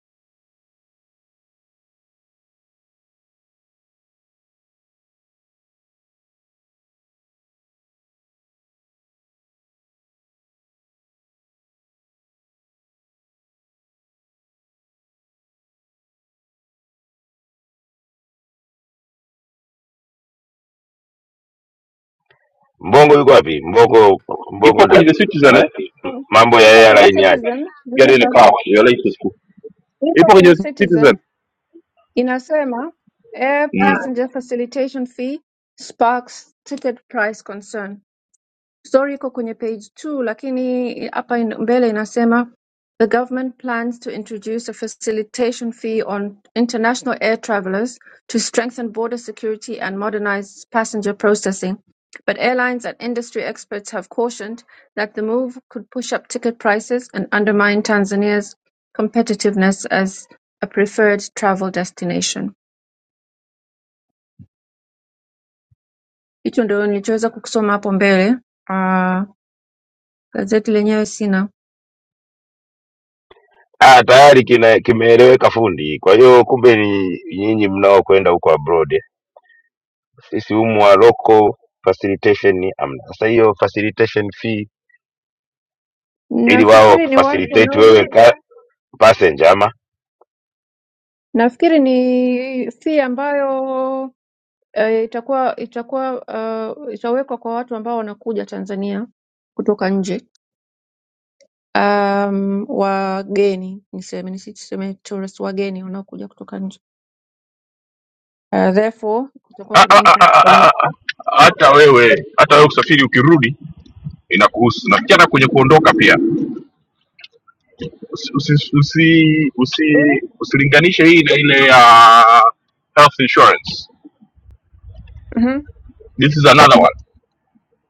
Mbongo yuko wapi? Mbongo
ipo
Mbongo ta,
kwenye The Citizen
ana,
eh?
Ah,
mambo ya
Iko
yeye
kwenye
laini yake
Citizen.
Gari ni kawa ya latest ku.
Iko
Ipo kwenye
kwenye
The
Citizen.
Citizen.
inasema air
Mm.
passenger facilitation fee sparks ticket price concern. Story iko kwenye page 2 lakini hapa in- mbele inasema the government plans to introduce a facilitation fee on international air travelers to strengthen border security and modernize passenger processing. But airlines and industry experts have cautioned that the move could push up ticket prices and undermine Tanzania's competitiveness as a preferred travel destination. hicho ndio nilichoweza kukisoma hapo mbele Ah, gazeti lenyewe sina
ah, tayari kina- kimeeleweka fundi. Kwa hiyo kumbe ni nyinyi mnaokwenda huko abroad, sisi humu wa local facilitation ni amna. Sasa hiyo facilitation fee ili wao
Nafikiri ni watu
wakufacilitate
wanao,
wewe ka passenger ama
nafikiri ni fee ambayo eh, itakuwa itakuwa uh, itawekwa kwa watu ambao wanakuja Tanzania kutoka nje um, wageni niseme nisiseme tourists, wageni wanaokuja kutoka nje uh, therefore kutakuwa
Ah,
kuna
ah, ah,
impact
ah, ah, ah.
kwenye
ah. Hata wewe hata wewe usafiri ukirudi inakuhusu, na tena kwenye kuondoka pia. Usi usi usi, usi
really?
usilinganishe hii na ile ya health insurance.
mm-hmm.
This is another one.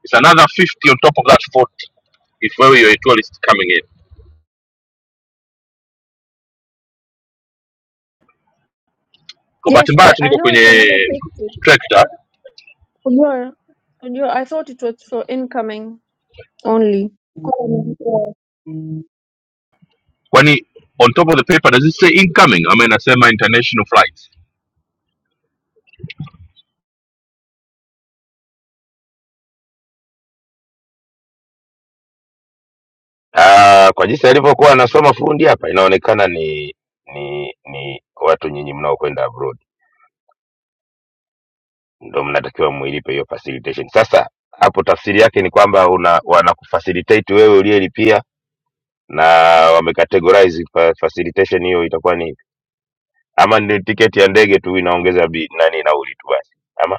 It's another 50 on top of that 40 if wewe you're a tourist coming in. Kwa bahati
Yes,
mbaya
I,
tu
I
niko
know it's
kwenye
another 50.
trekta,
Unajua, unajua, I thought it was for incoming only Mm.
kwani on top of the paper does it say incoming ama inasema international flights?
ah, kwa jinsi alivyokuwa anasoma fundi hapa, inaonekana ni ni ni watu nyinyi mnaokwenda abroad. ndo mnatakiwa muilipe hiyo facilitation sasa hapo tafsiri yake ni kwamba una wanakufacilitate wewe uliyelipia na wamecategorize fa- facilitation hiyo itakuwa ni ama ni tiketi ya ndege tu inaongeza bi, nani nauli tu basi ama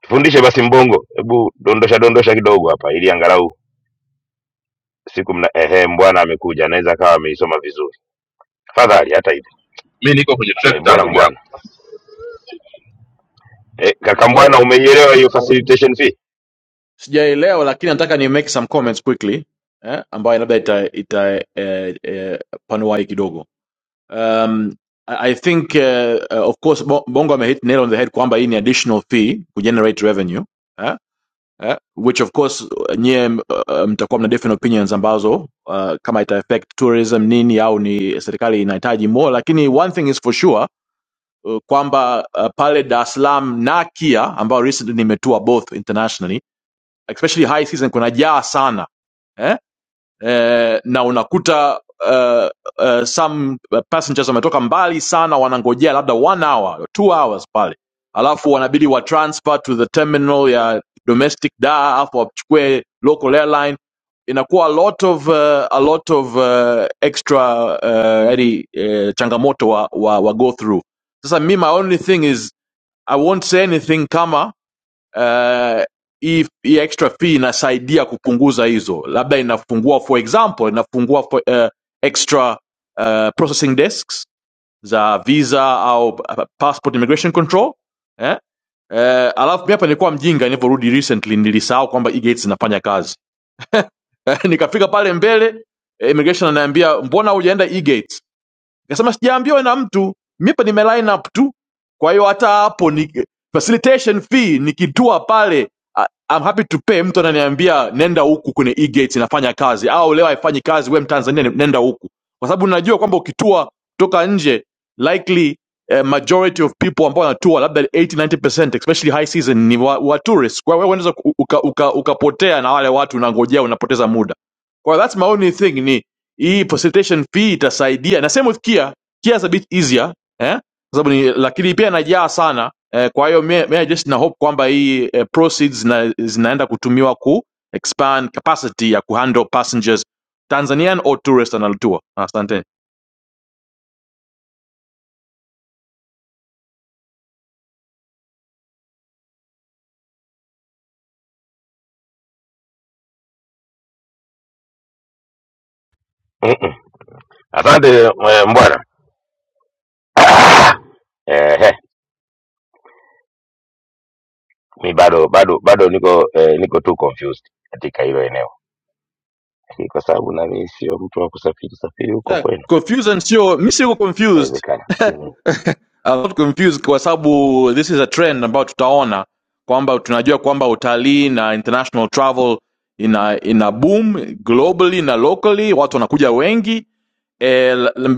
tufundishe basi mbongo hebu dondosha dondosha kidogo hapa ili angalau siku mna ehe mbwana amekuja anaweza akawa ameisoma vizuri tafadhali hata hivyo
Mi niko kwenye
e,
trekta
bora
ndugu yangu.
mbwana e, kaka mbwana
Hello.
umeielewa hiyo facilitation fee
Sijaelewa lakini nataka ni make some comments quickly eh, ambayo labda ita, ita eh, eh, panua hii kidogo. Um, I I think uh, uh, of course Bo- Bongo amehit nail on the head kwamba hii ni additional fee kugenerate revenue eh, eh, which of course uh, nyie m- uh, mtakuwa mna different opinions ambazo uh, kama ita affect tourism nini au ni serikali inahitaji more, lakini one thing is for sure uh, kwamba uh, pale Dar es Salaam na Kia ambao recently nimetua both internationally especially high season kuna jaa sana eh? Eh, na unakuta uh, uh, some passengers wametoka mbali sana wanangojea labda one hour or two hours pale alafu wanabidi wa transfer to the terminal ya domestic da alafu wachukue local airline inakuwa a lot of, uh, a lot of uh, extra uh, yani, uh, changamoto wa, wa, wa go through sasa mi my only thing is i won't say anything kama eh, hii hii extra fee inasaidia kupunguza hizo labda inafungua for example inafungua for, eh, extra eh, processing desks za visa au pa- passport immigration control eh? Eh, alafu mi hapa nilikuwa mjinga nilivyorudi recently nilisahau kwamba e-gates inafanya kazi nikafika pale mbele eh, immigration ananiambia mbona hujaenda e-gates Nikasema sijaambiwa na mtu, mipa nime line up tu. Kwa hiyo hata hapo ni facilitation fee nikitua pale I- I'm happy to pay. Mtu ananiambia nenda huku kwenye e-gate inafanya kazi, au leo haifanyi kazi, we Mtanzania nenda huku, kwa sababu najua kwamba ukitua kutoka nje likely eh, majority of people ambao wanatua labda 80 90% especially high season ni wa, wa tourists. Kwa hiyo wewe unaweza ku- uka- uka- ukapotea na wale watu unangojea, unapoteza muda. Kwa hiyo that's my only thing ni hii facilitation fee itasaidia na same with Kia Kia is a bit easier eh sababu ni lakini pia inajaa sana eh, kwa hiyo mimi mimi just na hope kwamba hii eh, proceeds zina, zinaenda kutumiwa ku expand capacity ya kuhandle passengers Tanzanian or tourist analotua asante
mm -mm. asante eh, mbwana Ah! Ehe. mi bado bado bado niko eh, niko tu confused katika hilo eneo kwa sababu nami sio mtu wa kusafiri safiri huko
yeah,
kwenu
confusion sio mimi siko confused
inawezekana lakini
I'm not confused kwa sababu this is a trend ambayo tutaona kwamba tunajua kwamba utalii na international travel ina ina boom globally na locally, watu wanakuja wengi e,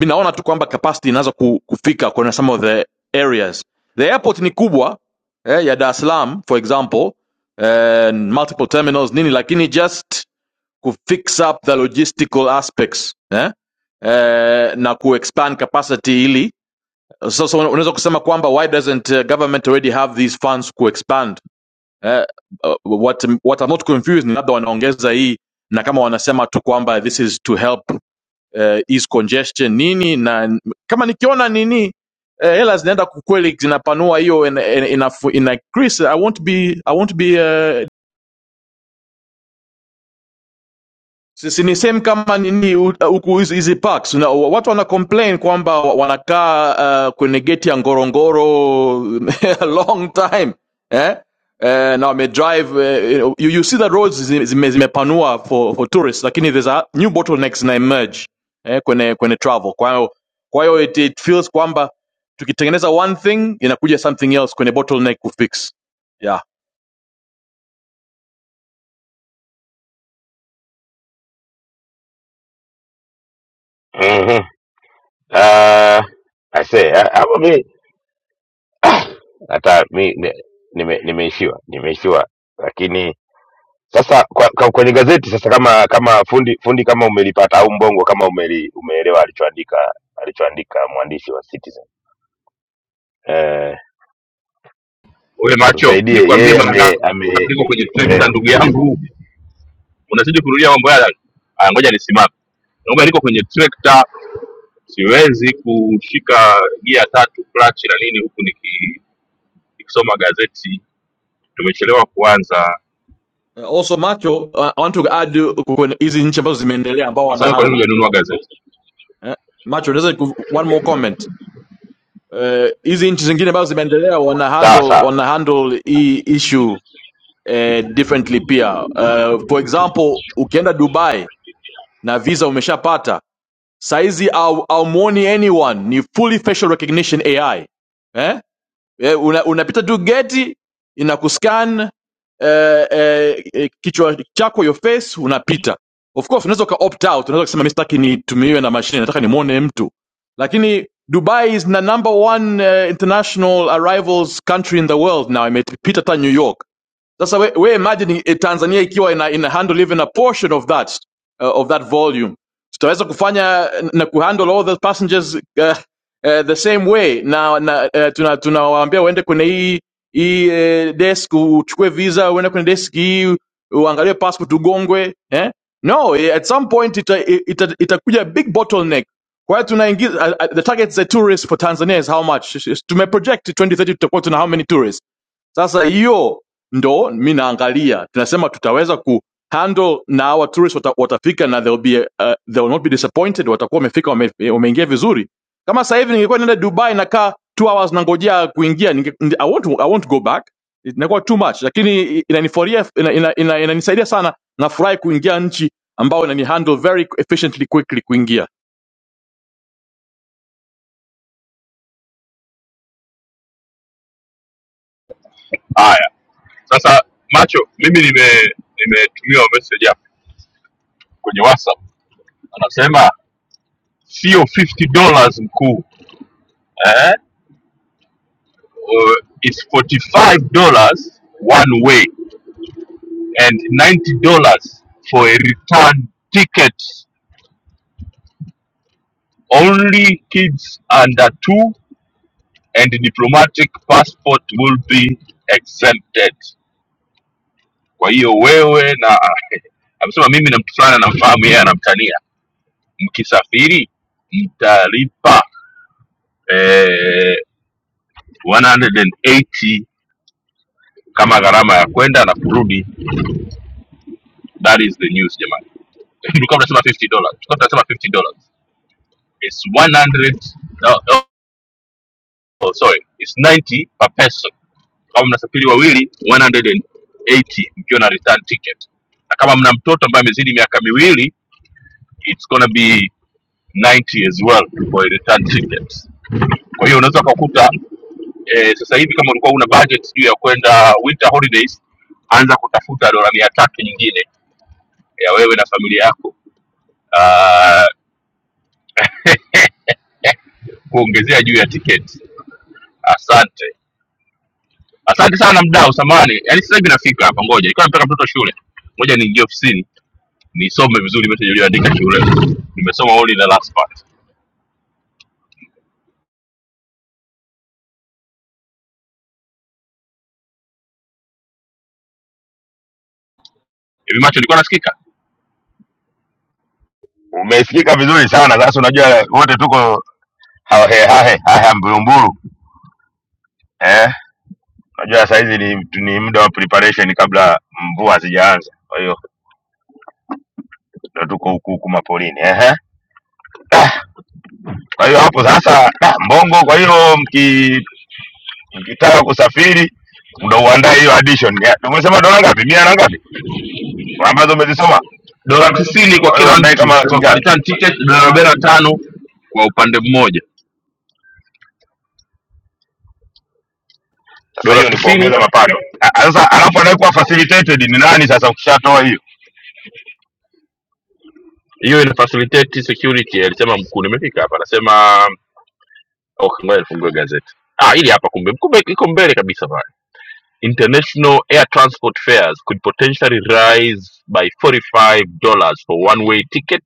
naona tu kwamba capacity inaanza ku, kufika kwenye some of the areas. The airport ni kubwa eh, ya Dar es Salaam for example eh, multiple terminals nini, lakini just ku fix up the logistical aspects eh, eh, na ku expand capacity ili sasa una- unaweza kusema kwamba why doesn't uh, government already have these funds kuexpand eh, uh, what, what I'm not confused ni labda wanaongeza hii na kama wanasema tu kwamba this is to help uh, ease congestion nini na kama nikiona nini eh, hela zinaenda kweli zinapanua hiyo ina, ina, ina, ina increase I won't be I won't be uh, Si ni same kama nini u- huku hizi hizi parks na watu wana complain kwamba wanakaa uh, kwenye geti ya Ngorongoro a long time eh? Eh, na wame drive eh, you, you see the roads zi- zime, zimepanua for, for tourists lakini there's a new bottlenecks na emerge eh, kwenye kwenye travel kwa hiyo kwa hiyo it, it feels kwamba tukitengeneza one thing inakuja something else kwenye bottleneck kufix yeah
Mhm. Ah, I say, ah, hapo mi hata mi ni- nime- nimeishiwa nimeishiwa, lakini sasa kwa, kwa, kwenye gazeti sasa, kama kama fundi fundi kama umelipata au mbongo kama umeli, umeelewa alichoandika alichoandika mwandishi wa Citizen eh,
Wewe macho,
tusaidie
nikwambie
yeye
mara
ame,
ngapi
ame
niko kwenye trekta
eh,
ndugu yangu, unazidi kurudia mambo yale. Aya, ngoja nisimame. Naomba niko kwenye trekta, siwezi kushika gia tatu clutch na nini huku niki- nikisoma gazeti. Tumechelewa kuanza.
also macho uh, i want to add uh, kwenye hizi nchi ambazo zimeendelea ambao wana
Sasa kwa nini
handle
hujanunua gazeti?
eh. Macho, unaweza ku- one more comment Eh, hizi nchi zingine ambazo zimeendelea wana
sawa
handle
sawa
wana handle hii issue eh, differently pia Eh, for example ukienda Dubai na visa umeshapata saizi au- haumuoni anyone ni fully facial recognition AI eh? eh, una, unapita tu geti inakuscan eh, eh, eh, kichwa chako your face unapita of course unaweza uka opt out unaweza kusema mimi sitaki nitumiwe na mashine nataka nimwone mtu lakini dubai is the number one eh, international arrivals country in the world now imepita hata new york sasa we, we imagine eh, Tanzania ikiwa ina, ina handle even a portion of that uh, of that volume, tutaweza kufanya eh, na kuhandle all the passengers uh, uh, the same way na, na uh, tunawaambia tuna tunawaambia waende kwenye hii hii eh, desk uchukue visa, uende kwenye desk hii uangalie passport ugongwe eh? No, eh, at some point itakuja ita, eh, ita itakuja big bottleneck. Kwa hiyo tunaingiza uh, uh, the target za tourists for Tanzania is how much? Tumeproject 2030 tutakuwa tuna how many tourists? Sasa hiyo ndo mi naangalia, tunasema tutaweza ku handle na hawa tourists wata, watafika na they'll be, uh, they'll not be disappointed, watakuwa wamefika wame, wameingia wame vizuri. Kama sasa hivi ningekuwa naenda Dubai nakaa two hours nangojea kuingia ninge, nde- I won't, I won't go back, inakuwa too much, lakini inaniforia inanisaidia ina, ina, ina, inanisaidia sana. Nafurahi kuingia nchi ambayo inani handle very efficiently quickly kuingia.
Haya, sasa macho, mimi nime nimetumiwa message hapa kwenye whatsapp anasema sio 50 dollars mkuu eh? uh, it's 45 dollars one way and 90 dollars for a return ticket only kids under two and diplomatic passport will be exempted kwa hiyo wewe na amesema mimi na mtu fulani anamfahamu yeye anamtania mkisafiri mtalipa eh, 180 kama gharama ya kwenda na kurudi that is the news jamani tulikuwa tunasema 50 dollars tulikuwa tunasema 50 dollars it's 100 no, no, oh, sorry it's 90 per person kama mnasafiri wawili 180 mkiwa na return ticket na kama mna mtoto ambaye amezidi miaka miwili it's gonna be 90 as well for a return ticket kwa hiyo unaweza ukakuta eh, sasa hivi kama ulikuwa una budget juu ya kwenda winter holidays anza kutafuta dola mia tatu nyingine ya wewe na familia yako ah, kuongezea juu ya tiketi. Asante, asante sana mdau, samani. Yaani sasa hivi nafika hapa, ngoja nilikuwa napeleka mtoto shule, ngoja niingie ofisini nisome vizuri message ulioandika shule. Nimesoma only the last part. Hivi macho ilikuwa nasikika?
Umesikika vizuri sana. Sasa unajua wote tuko hahe hahe haya mburumburu eh, unajua saa hizi ni, ni muda wa preparation kabla mvua hazijaanza, kwa hiyo ndo tuko huku huku mapolini ehe. Ah, Kwa hiyo hapo sasa ah, Mbongo, kwa hiyo mki, mkitaka kusafiri ndo uandae hiyo addition. Ya, Umesema dola ngapi? Mia na ngapi ambazo umezisoma?
Dola tisini kwa
Kwa hiyo
kila
uandae
mtu
kama laki
kwa, kwa
ngapi?
return ticket, dola arobaini na tano kwa upande mmoja,
Sasa
dola
hiyo ni
tisini
kuongeza mapato. Ah, ah, Sasa alafu anayekuwa facilitated ni nani? Sasa ukishatoa hiyo
hiyo ina facilitate security, alisema mkuu. Nimefika hapa, anasema Okay, ngoja nifungue gazeti. Ah, hili hapa kumbe, kumbe iko mbele kabisa pale. International air transport fares could potentially rise by $45 for one-way ticket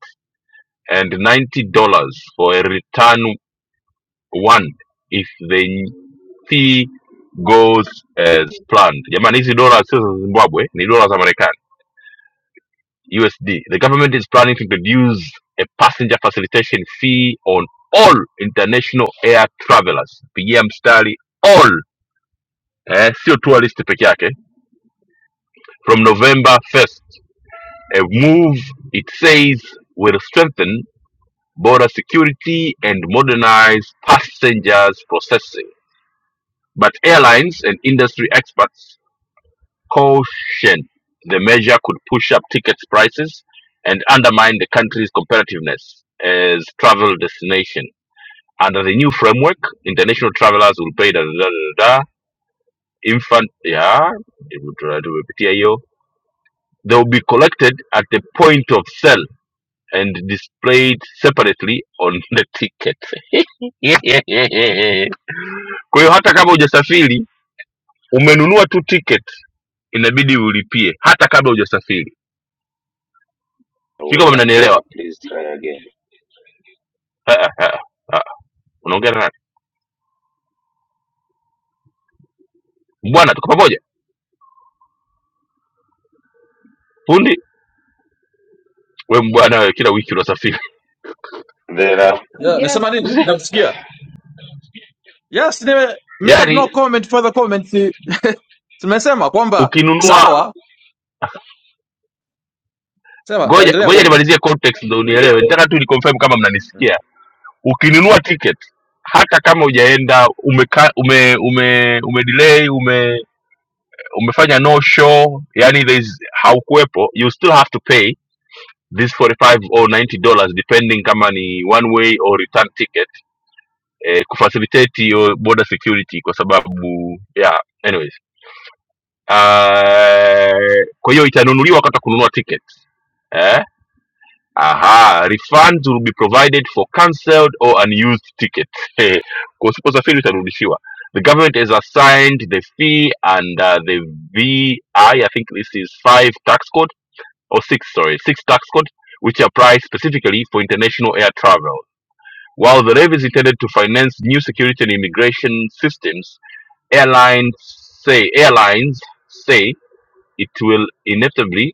and $90 for a return one if the fee goes as planned. Jamani, hizi dola sio za Zimbabwe, ni dola za Marekani, USD. The government is planning to introduce a passenger facilitation fee on all international air travelers. Pigia mstari all eh, sio tour list peke yake from november 1st a move it says will strengthen border security and modernize passengers processing but airlines and industry experts caution the measure could push up ticket prices and undermine the country's competitiveness as travel destination under the new framework international travelers will pay da, da, da, da, da, infant yeah it would uh, do a They will be collected at the point of sale and displayed separately on the ticket. Kwa hiyo hata kama hujasafiri umenunua tu ticket, inabidi ulipie hata kabla hujasafiri.
There
Sijui
was
kama
an error.
mnanielewa.
Please try again.
Ah, ah, ah, ah. Unaongea na nani? Mbwana, tuko pamoja. Fundi we mbwana, wewe kila wiki unasafiri.
Ndio, na-
Yeah, nasema
yes.
nini? Nakusikia. Yes, nime, may have no
Yaani
comment further comments. Tumesema kwamba
ukinunua,
sawa Sema eh,
ngoja
endelea
ngoja
Bongo.
nimalizie context ndio unielewe. Nataka tu ni confirm kama mnanisikia ukinunua ticket hata kama ujaenda umeka, ume ume ume delay ume umefanya no show yani there is haukuwepo you still have to pay this 45 or 90 dollars depending kama ni one way or return ticket eh, kufacilitate hiyo border security kwa sababu yeah anyways uh, kwa hiyo itanunuliwa wakati wa kununua ticket eh? Aha, refunds will be provided for cancelled or unused tickets. Eh, kwa usiposafiri utarudishiwa. The government has assigned the fee and uh, the VI, I I think this is five tax code or six, sorry, six tax code, which apply specifically for international air travel. While the levy is intended to finance new security and immigration systems, airlines say airlines say it will inevitably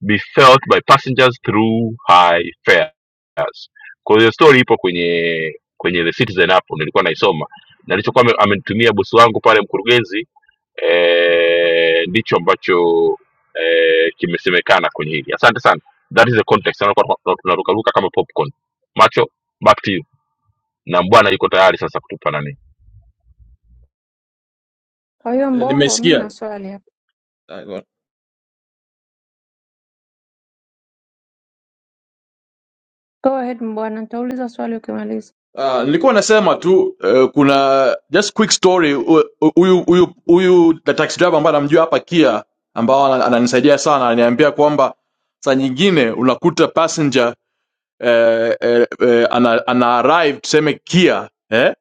be felt by passengers through high fares. Kwa hiyo story ipo kwenye kwenye the Citizen hapo nilikuwa naisoma na nilichokuwa ame- amenitumia bosi wangu pale mkurugenzi eh, ndicho ambacho eh, kimesemekana kwenye hili. Asante sana. That is the context. Naona kwa- kwa- tunarukaruka kama popcorn. Macho back to you. Na mbwana yuko tayari sasa kutupa nani.
Kwa hiyo
Eh,
Mbongo, mi
Nimesikia.
na swali hapa.
Ah, go on.
Go ahead Mbwana, nitauliza swali ukimaliza.
Ah, nilikuwa nasema tu eh, kuna just quick story hu- hu- huyu huyu huyu the taxi driver ambaye anamjua hapa Kia ambao ana- ananisaidia sana ananiambia kwamba saa nyingine unakuta passenger eh, eh, eh, ana, ana arrive tuseme Kia eh,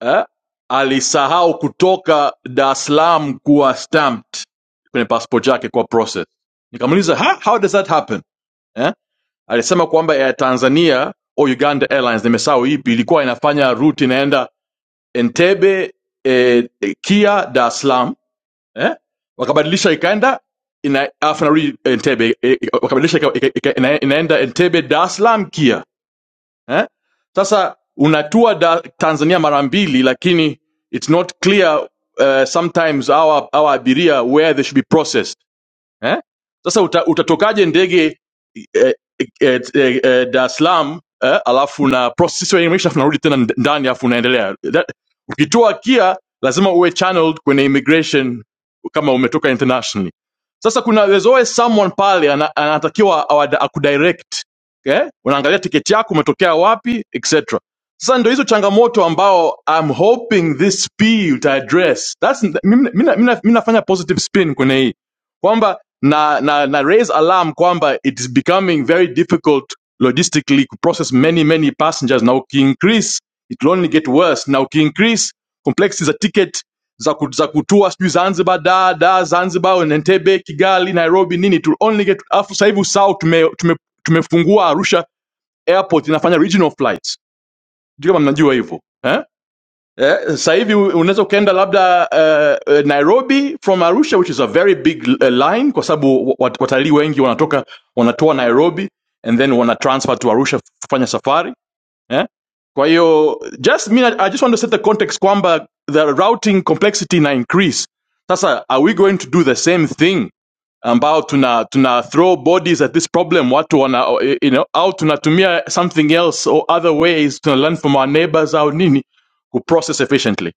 eh, alisahau kutoka Dar es Salaam kuwa stamped kwenye passport yake kwa process. Nikamuuliza ha, how does that happen? Eh? alisema kwamba Air Tanzania au Uganda Airlines nimesahau ipi ilikuwa inafanya route inaenda Entebbe eh, eh, Kia Dar es Salaam eh? wakabadilisha ikaenda ina alafu inarudi Entebbe eh, wakabadilisha ika, ika, ika, ina, inaenda Entebbe Dar es Salaam Kia eh? Sasa unatua da, Tanzania mara mbili, lakini it's not clear uh, sometimes our, our abiria where they should be processed eh? Sasa uta, utatokaje ndege eh, eh, eh, eh, Dar es Salaam eh, alafu na process ya immigration alafu narudi tena nd- ndani alafu unaendelea That- ukitoa kia lazima uwe channeled kwenye immigration kama umetoka internationally. Sasa kuna there's always someone pale ana- anatakiwa awa- akudirect okay? Unaangalia tiketi yako umetokea wapi etc. Sasa ndio hizo changamoto ambao I'm hoping this P uta address. That's mimi mimi mimi nafanya positive spin kwenye hii kwamba na, na, na raise alarm kwamba it is becoming very difficult logistically to process many many passengers na ukiincrease it will only get worse na ukiincrease complexity za ticket za, ku, za kutua sijui zanzibar da da zanzibar entebe kigali nairobi nini it will only get alafu sasa hivi usau tume, tume, tumefungua arusha airport inafanya regional flights sijui kama mnajua hivyo eh? Eh, sasa hivi u- unaweza ukaenda labda uh, uh, Nairobi from Arusha which is a very big uh, line kwa sababu wa- wat- watalii wengi wanatoka wanatoa Nairobi and then wana transfer to Arusha kufanya safari eh? Kwa hiyo just mean, I I just want to set the context kwamba the routing complexity na increase. Sasa are we going to do the same thing ambao tuna tuna throw bodies at this problem watu wana you know, au tunatumia something else or other ways tuna learn from our neighbors au nini kuprocess efficiently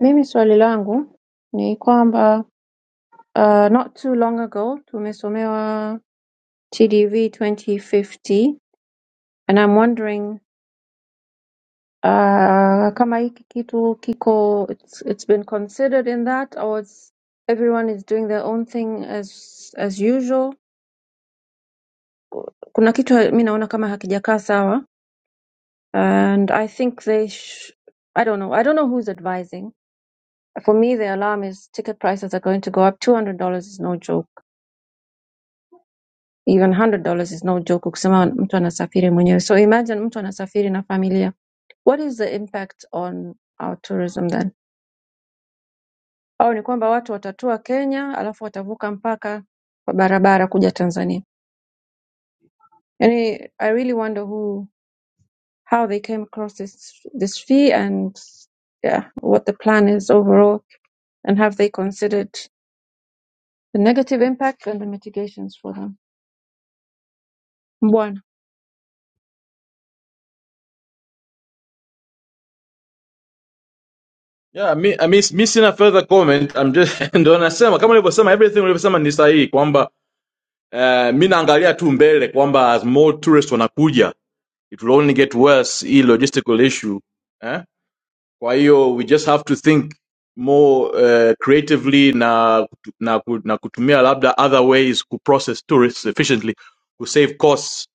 Mimi swali langu ni kwamba uh, not too long ago tumesomewa TDV 2050 and I'm wondering uh, kama hiki kitu kiko it's, it's been considered in that or it's, everyone is doing their own thing as as usual. Kuna kitu mi naona kama hakijakaa sawa and I think they, sh- I don't know, I don't know who's advising. For me, the alarm is ticket prices are going to go up. Two hundred dollars is no joke, even hundred dollars is no joke. Ukisema mtu anasafiri mwenyewe, so imagine mtu anasafiri na familia. What is the impact on our tourism then? Au ni kwamba watu watatua Kenya alafu watavuka mpaka kwa barabara kuja Tanzania? Yani, I really wonder who how they came across this this fee and yeah, what the plan is overall and have they considered the negative impact and the mitigations for them. Bwana.
Yeah, mi, I mean, mi sina further comment. I'm just ndo nasema kama nilivyosema everything ulivyosema ni sahihi kwamba uh, mi naangalia tu mbele kwamba as more tourists wanakuja it will only get worse hii logistical issue eh? Kwa hiyo we just have to think more uh, creatively na kutu- na ku- na kutumia labda other ways ku process tourists efficiently ku save costs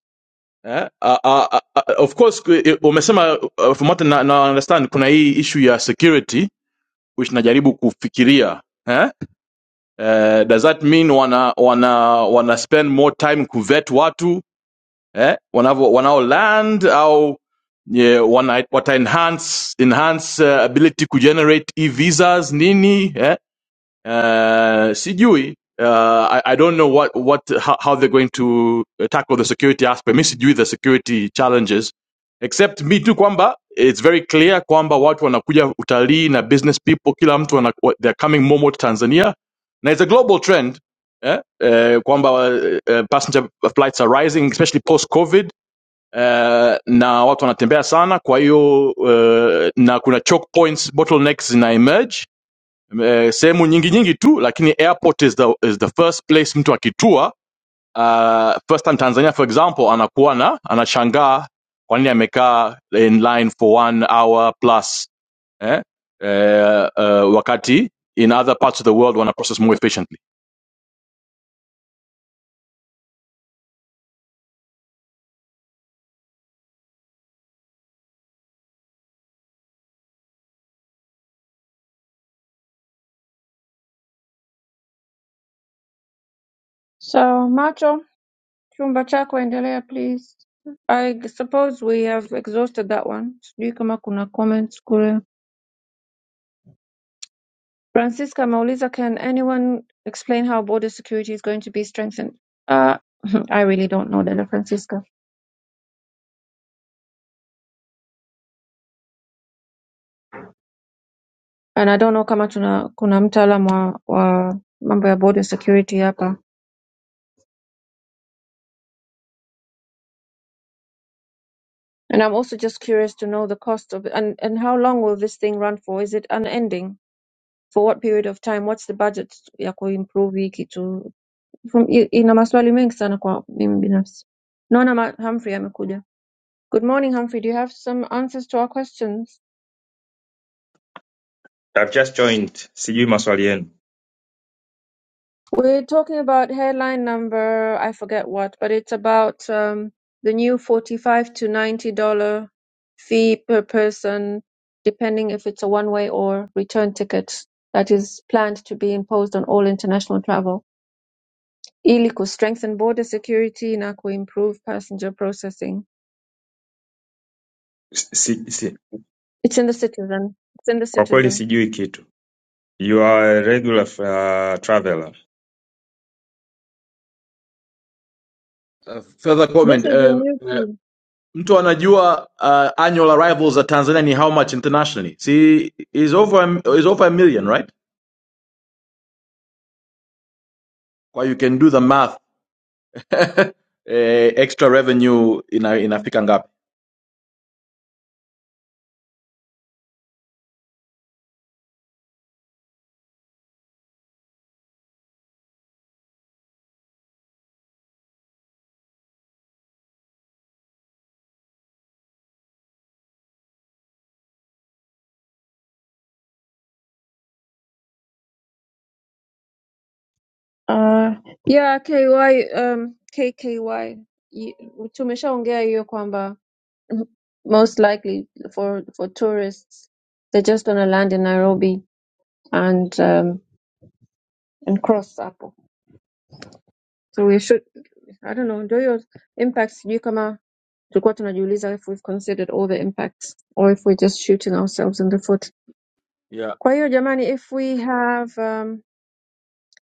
eh? uh, uh, uh, uh, of course ku- eh, umesema uh, from what na, na understand kuna hii issue ya security which najaribu kufikiria eh? uh, does that mean wana wana wana spend more time kuvet watu eh, wanavyo wanao land au ye, wana, wata enhance, enhance uh, ability kugenerate e-visas nini eh? uh, sijui uh, I, I don't know what what how, how they're going to tackle the security aspect. Mi sijui the security challenges except me tu kwamba it's very clear kwamba watu wanakuja utalii na business people, kila mtu wana, wa- they're coming more more to Tanzania na it's a global trend eh, eh, kwamba eh, passenger flights are rising especially post COVID. Uh, na watu wanatembea sana kwa hiyo uh, na kuna choke points bottlenecks zina emerge eh, sehemu nyingi nyingi tu lakini airport is the, is the first place mtu akitua uh, first time tanzania for example anakuwa na anashangaa kwa nini amekaa in line for one hour plus eh? Eh, uh, wakati in other parts of the world wana process more efficiently
So Macho, chumba chako endelea please. I suppose we have exhausted that one. Sijui kama kuna comments kule. Francisca ameuliza can anyone explain how border security is going to be strengthened? Uh, I really don't know dada Francisca. And I don't know kama tuna kuna mtaalam wa, wa mambo ya border security hapa. And I'm also just curious to know the cost of it and, and how long will this thing run for? Is it unending? for what period of time what's the budget ya kuimprove hii kitu From- i- ina maswali mengi sana kwa mimi binafsi naona ma- humphrey amekuja good morning humphrey do you have some answers to our questions
I've just joined. Sijui maswali yenu.
we're talking about headline number i forget what but it's about um, the new 45 to 90 dollar fee per person depending if it's a one way or return ticket that is planned to be imposed on all international travel ili strengthen border security na improve passenger processing.
Si, si, si.
It's in the citizen. It's in the
Kwa kweli
citizen.
sijui kitu. You are a regular uh, traveler.
uh, further
This
comment
is a
um,
new
uh,
team.
mtu anajua uh, annual arrivals za tanzania ni how much internationally see is over a- is over a million right well you can do the math eh, extra revenue ina, inafika ngapi
Uh, yeah, KY, um, KKY. Y- Y- Tumeshaongea hiyo kwamba mm, most likely for for tourists they're just gonna land in Nairobi and um, and cross hapo. So we should I don't know, do your impacts sijui kama tulikuwa tunajiuliza if we've considered all the impacts or if we're just shooting ourselves in the foot.
yeah.
Kwa hiyo jamani, if we have um,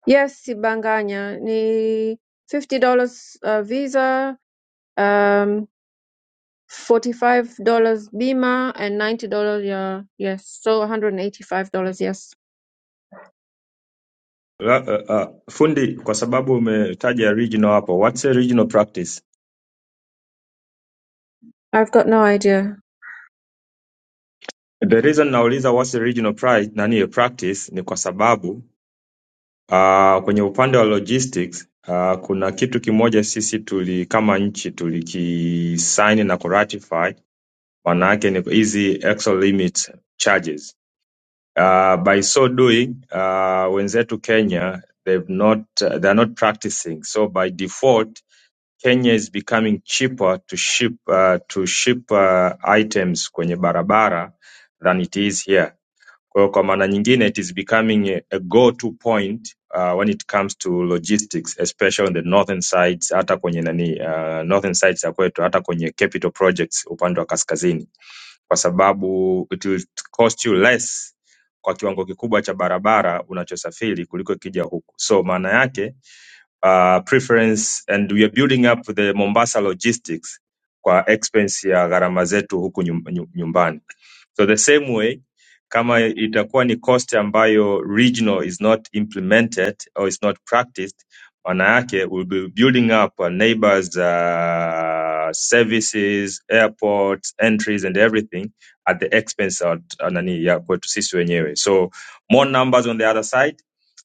yes, Sibanganya ni $50 uh, visa um, $45 bima and $90 ya yes, so $185 yes.
La, uh, uh, fundi, kwa sababu umetaja regional hapo, what's a regional practice?
I've got no idea.
The reason nauliza what's a regional pri nani a practice ni kwa sababu uh, kwenye upande wa logistics uh, kuna kitu kimoja sisi tuli kama nchi tulikisaini na kuratify, maana yake ni hizi axle limit charges Uh, by so doing, uh, wenzetu Kenya, they've not, uh, they're not practicing. So by default, Kenya is becoming cheaper to ship, uh, to ship uh, items kwenye barabara than it is here. Kwa hiyo kwa maana nyingine, it is becoming a, a go-to point uh, when it comes to logistics, especially on the northern sides, hata kwenye nani, uh, northern sides ya kwetu, hata kwenye capital projects upande wa kaskazini kwa sababu it will cost you less kwa kiwango kikubwa cha barabara unachosafiri kuliko ikija huku. So maana yake uh, preference and we are building up the Mombasa logistics kwa expense ya gharama zetu huku nyum- nyu- nyumbani. So the same way kama itakuwa ni cost ambayo regional is not implemented or is not practiced, maana yake we'll be building up our neighbors uh, services, airports, entries and everything at the expense of uh, nani ya kwetu sisi wenyewe. So more numbers on the other side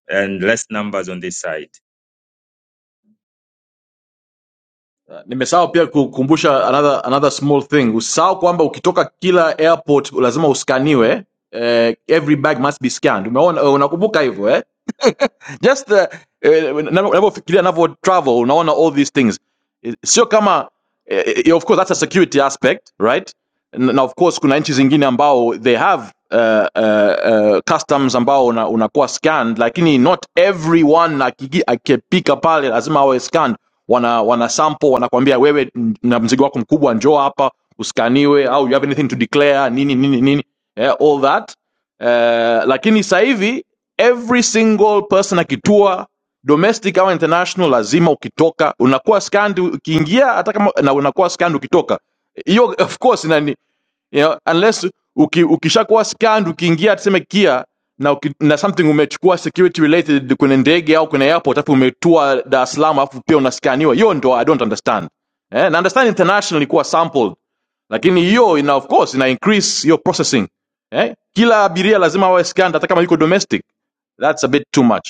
and less numbers on this side.
Uh, nimesahau pia kukumbusha another, another small thing usahau kwamba ukitoka kila airport lazima uskaniwe eh, every bag must be scanned umeona eh, unakumbuka hivyo eh? just the eh, unavyo- unavyofikiria unavyo travel unaona all these things Eh, sio kama eh, eh, of course that's a security aspect right N- na of course kuna nchi zingine ambao they have uh, uh, uh, customs ambao una- unakuwa una scanned lakini not everyone akigi- akipika pale lazima awe scanned wana wana sample wanakwambia wewe n- na mzigo wako mkubwa njoo hapa uskaniwe au you have anything to declare nini nini nini yeah, all that eh, lakini sasa hivi every single person akitua domestic au international lazima ukitoka unakuwa scanned ukiingia hata kama na unakuwa scanned ukitoka hiyo of course you know, unless uki, ukishakuwa scanned ukiingia tuseme kia na, uki, na something umechukua security related kwenye ndege au kwenye airport alafu umetua Dar es Salaam alafu pia unaskaniwa, hiyo ndo I don't understand eh, na understand international ilikuwa sampled, lakini hiyo ina of course ina increase hiyo processing eh, kila abiria lazima awe scanned hata kama yuko domestic, that's a bit too much.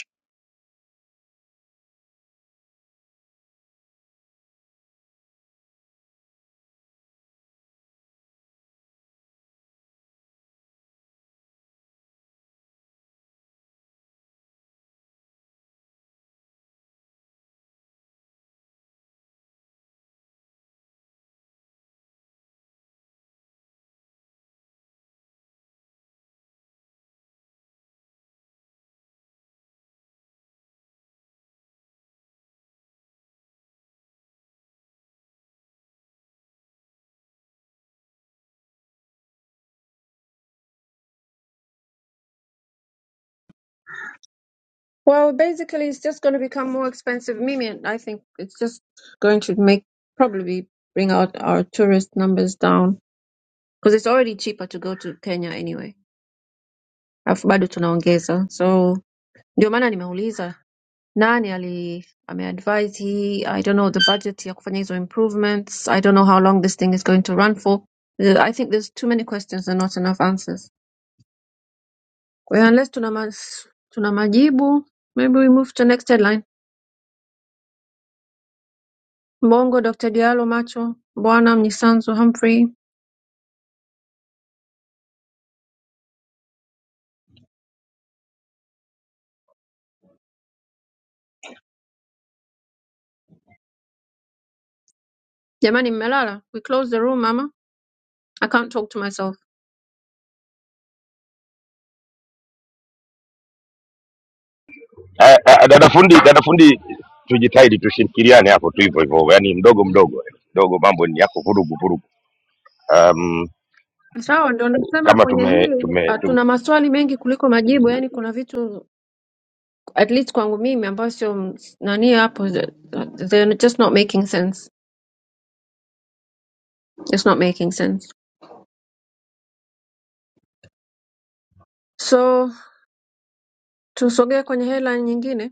Well, basically it's just going to become more expensive. Mimi, I think it's just going to make probably bring out our tourist numbers down because it's already cheaper to go to Kenya anyway. Alafu bado tunaongeza. So ndio maana nimeuliza nani ali ameadvise hii i don't know the budget ya kufanya hizo improvements i don't know how long this thing is going to run for Uh, i think there's too many questions and not enough answers kwa hiyo unless tuna, ma tuna majibu maybe we move to next headline mbongo dr dialo macho bwana mnyisanzu humphrey jamani mmelala we close the room mama i can't talk to myself
a- a- dada fundi, dada fundi, tujitahidi tushirikiane hapo tu hivyo hivyo, yani mdogo mdogo mdogo, mambo ni yako vurugu vurugu. Um,
sawa ndo nasema
kama
kwenye
tume
hili uh,
tume
tuna maswali mengi kuliko majibu yani kuna vitu at least kwangu mimi ambayo sio m- nani hapo the- they're just not making sense just not making sense so tusogee kwenye headline nyingine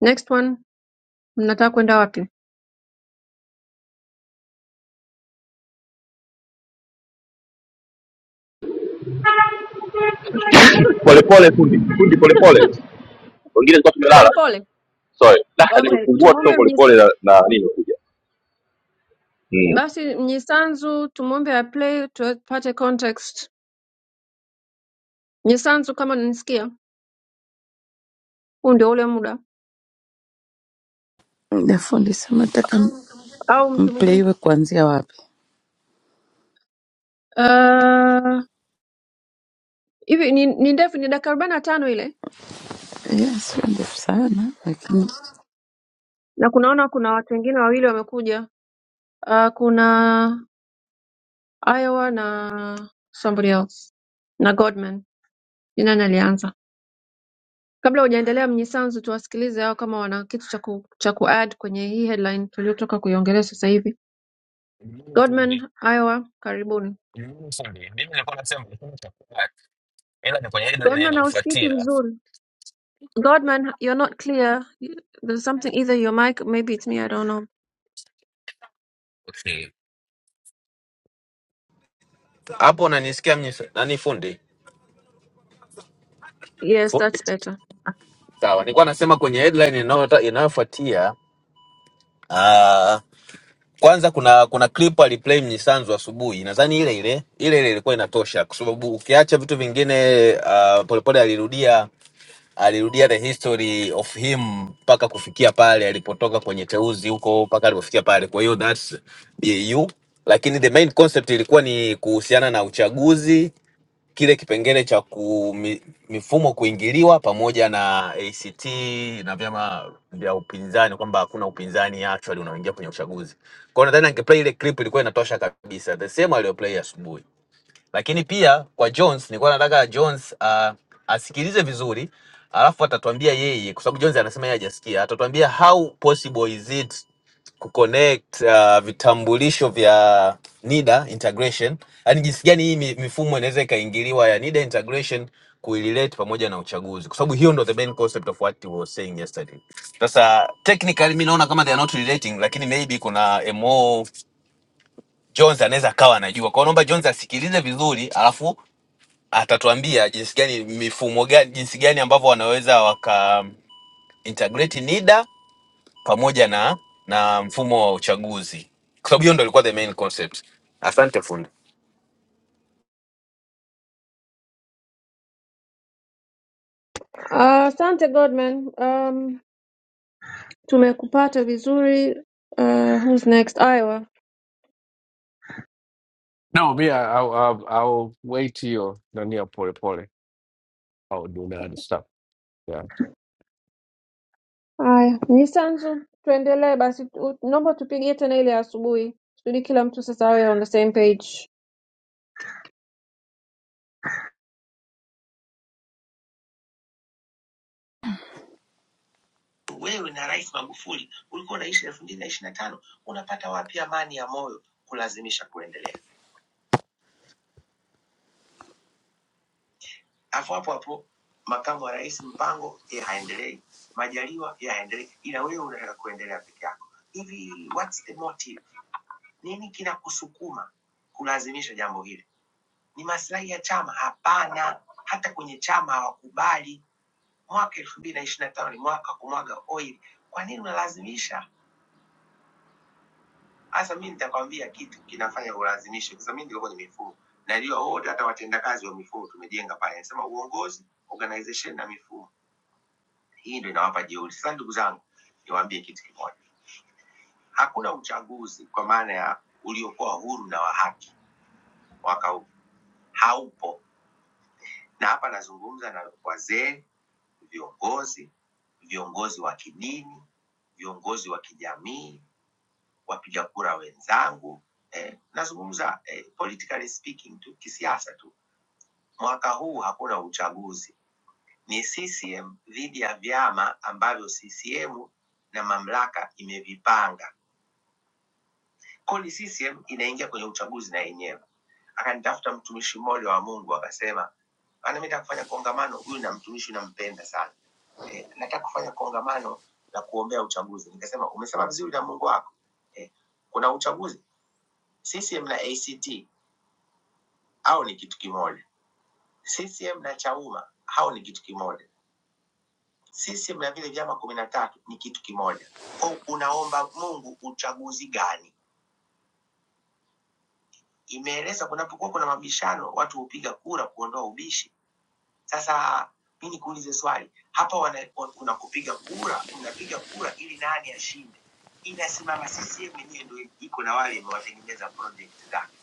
next one mnataka kwenda wapi
polepole fundi fundi polepole wengine tulikuwa tumelala
polepole
sorry la
okay
nimefungua tu
tumwombe
polepole
Mnyisa-
na, na nini imekuja
basi mnyisanzu tumwombe aplay tupate context mnyisanzu kama nanisikia huu ndio ule muda
Muda fundi sema nataka
au mtu
mple
mwingine
iwe kuanzia wapi?
Ah, hivi ni, ni ndefu ni dakika arobaini na tano ile
Yeah, sio ndefu sana lakini
na kunaona kuna watu wengine wawili wamekuja Ah, kuna Iowa na somebody else na Godman. Ni nani alianza? Kabla hujaendelea Mnyisanzu, tuwasikilize hao kama wana kitu cha ku, cha kuadd kwenye hii headline tuliotoka kuiongelea sasa hivi.
Mimi fundi,
Godman, Iowa, karibuni.
mimi fundi, mimi nilikuwa nasema hakuna chakula, ila ni kwenye ile line
Godman, hausikiki
inayofuatia.
vizuri. Godman, you're not clear. There's something either your mic, maybe it's me, I don't know.
Okay. Hapo unanisikia mimi nani fundi?
Yes, that's
Fundi.
better.
Sawa. Nilikuwa nasema kwenye headline inayota- inayofuatia ah kwanza kuna kuna clip aliplay Mnyisanzu asubuhi. Nadhani ile ile ile ile ilikuwa inatosha kwa sababu ukiacha vitu vingine ah, polepole alirudia alirudia the history of him mpaka kufikia pale alipotoka kwenye teuzi huko mpaka alipofikia pale. Kwa hiyo that's BAU, lakini the main concept ilikuwa ni kuhusiana na uchaguzi, kile kipengele cha ku, mi, mifumo kuingiliwa pamoja na ACT na vyama vya upinzani, kwamba hakuna upinzani actually unaoingia kwenye uchaguzi. Kwa hiyo nadhani angeplay ile clip ilikuwa inatosha kabisa, the same aliyoplay asubuhi lakini pia kwa Jones nilikuwa nataka Jones uh, asikilize vizuri alafu atatuambia yeye, kwa sababu Jones anasema yeye hajasikia, atatuambia how possible is it kuconnect uh, vitambulisho vya NIDA integration, yani jinsi gani hii mi- mifumo inaweza ikaingiliwa ya NIDA integration kuilelate pamoja na uchaguzi, kwa sababu hiyo ndo the main concept of what we were saying yesterday. Sasa technically mimi naona kama they are not relating, lakini maybe kuna a more Jones anaweza akawa anajua. Kwa hiyo naomba Jones asikilize vizuri, alafu atatuambia jinsi gani mifumo gani jinsi gani ambavyo wanaweza waka integrate NIDA pamoja na na mfumo wa uchaguzi, kwa sababu hiyo ndio ilikuwa the main concept. Asante fundi.
Ah, Asante Godman. Um, tumekupata vizuri. Uh, who's next? Iowa.
No, me, I, I'll, I'll, I'll wait till you're nani ya pole pole. I'll do the other stuff. Yeah.
Haya, Nisanzu, tuendelee basi, tu- naomba tupigie tena ile ya asubuhi, kusudi kila mtu sasa awe on the same page.
wewe na Rais Magufuli ulikuwa unaishi elfu mbili na ishiri na tano unapata wapi amani ya moyo kulazimisha kuendelea? Alafu hapo hapo makamu wa rais Mpango yeye haendelei, Majaliwa yeye haendelei, ila wewe unataka kuendelea peke yako. Hivi what's the motive? Nini kinakusukuma kulazimisha jambo hili? ni maslahi ya chama? Hapana, hata kwenye chama hawakubali. Mwaka elfu mbili na ishirini na tano ni mwaka wa kumwaga oil. Kwa nini unalazimisha? Hasa mi nitakwambia kitu kinafanya ulazimishe, kwa sababu mi ndio kwenye mifumo na ndio wote, hata watendakazi wa mifumo tumejenga pale, nasema uongozi, organization na mifumo. Hii ndio inawapa jeuri. Sasa ndugu zangu, niwaambie kitu kimoja, hakuna uchaguzi kwa maana ya uliokuwa huru na wa haki mwaka huu, haupo. Na hapa nazungumza na wazee viongozi, viongozi wa kidini, viongozi wa kijamii, wapiga kura wenzangu eh, nazungumza eh, politically speaking tu, kisiasa tu. Mwaka huu hakuna uchaguzi, ni CCM dhidi ya vyama ambavyo CCM na mamlaka imevipanga. Kodi CCM inaingia kwenye uchaguzi na yenyewe. Akanitafuta mtumishi mmoja wa Mungu akasema, ana mimi nataka kufanya kongamano, huyu na mtumishi nampenda sana eh, nataka kufanya kongamano la kuombea uchaguzi. Nikasema umesema vizuri na Mungu wako eh, kuna uchaguzi. CCM na ACT hao ni kitu kimoja, CCM na Chauma hao ni kitu kimoja, CCM na vile vyama kumi na tatu ni kitu kimoja. Kwa hiyo unaomba Mungu uchaguzi gani? Imeeleza kunapokuwa kuna mabishano, watu hupiga kura kuondoa ubishi Sasa mi nikuulize swali hapa, wana, wan- kuna kupiga kura, mnapiga kura ili nani ashinde. Inasimama CCM yenyewe ndio iko na wale imewatengeneza project zake.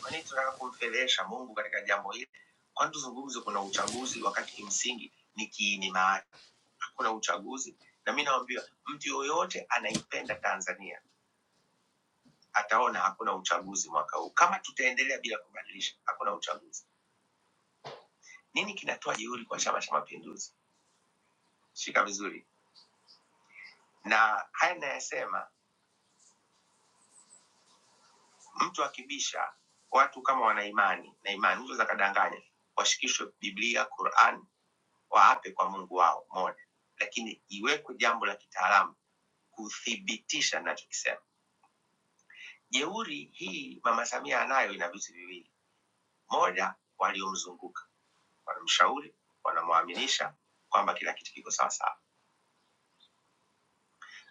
Kwa nini tunataka kumfedhesha Mungu katika jambo hili? Kwani tuzungumze kuna uchaguzi wakati kimsingi ni kiini maana hakuna uchaguzi, na mi naambiwa mtu yoyote anaipenda Tanzania ataona hakuna uchaguzi mwaka huu, kama tutaendelea bila kubadilisha, hakuna uchaguzi. Nini kinatoa jeuri kwa Chama cha Mapinduzi? Shika vizuri. na haya ninayasema, mtu akibisha watu kama wana imani na imani, mtu za kadanganya, washikishwe Biblia, Quran, waape kwa Mungu wao moja, lakini iwekwe jambo la kitaalamu kuthibitisha ninachokisema. Jeuri hii mama Samia anayo, ina vitu viwili: moja, waliomzunguka wanamshauri, wanamwaminisha kwamba kila kitu kiko sawasawa;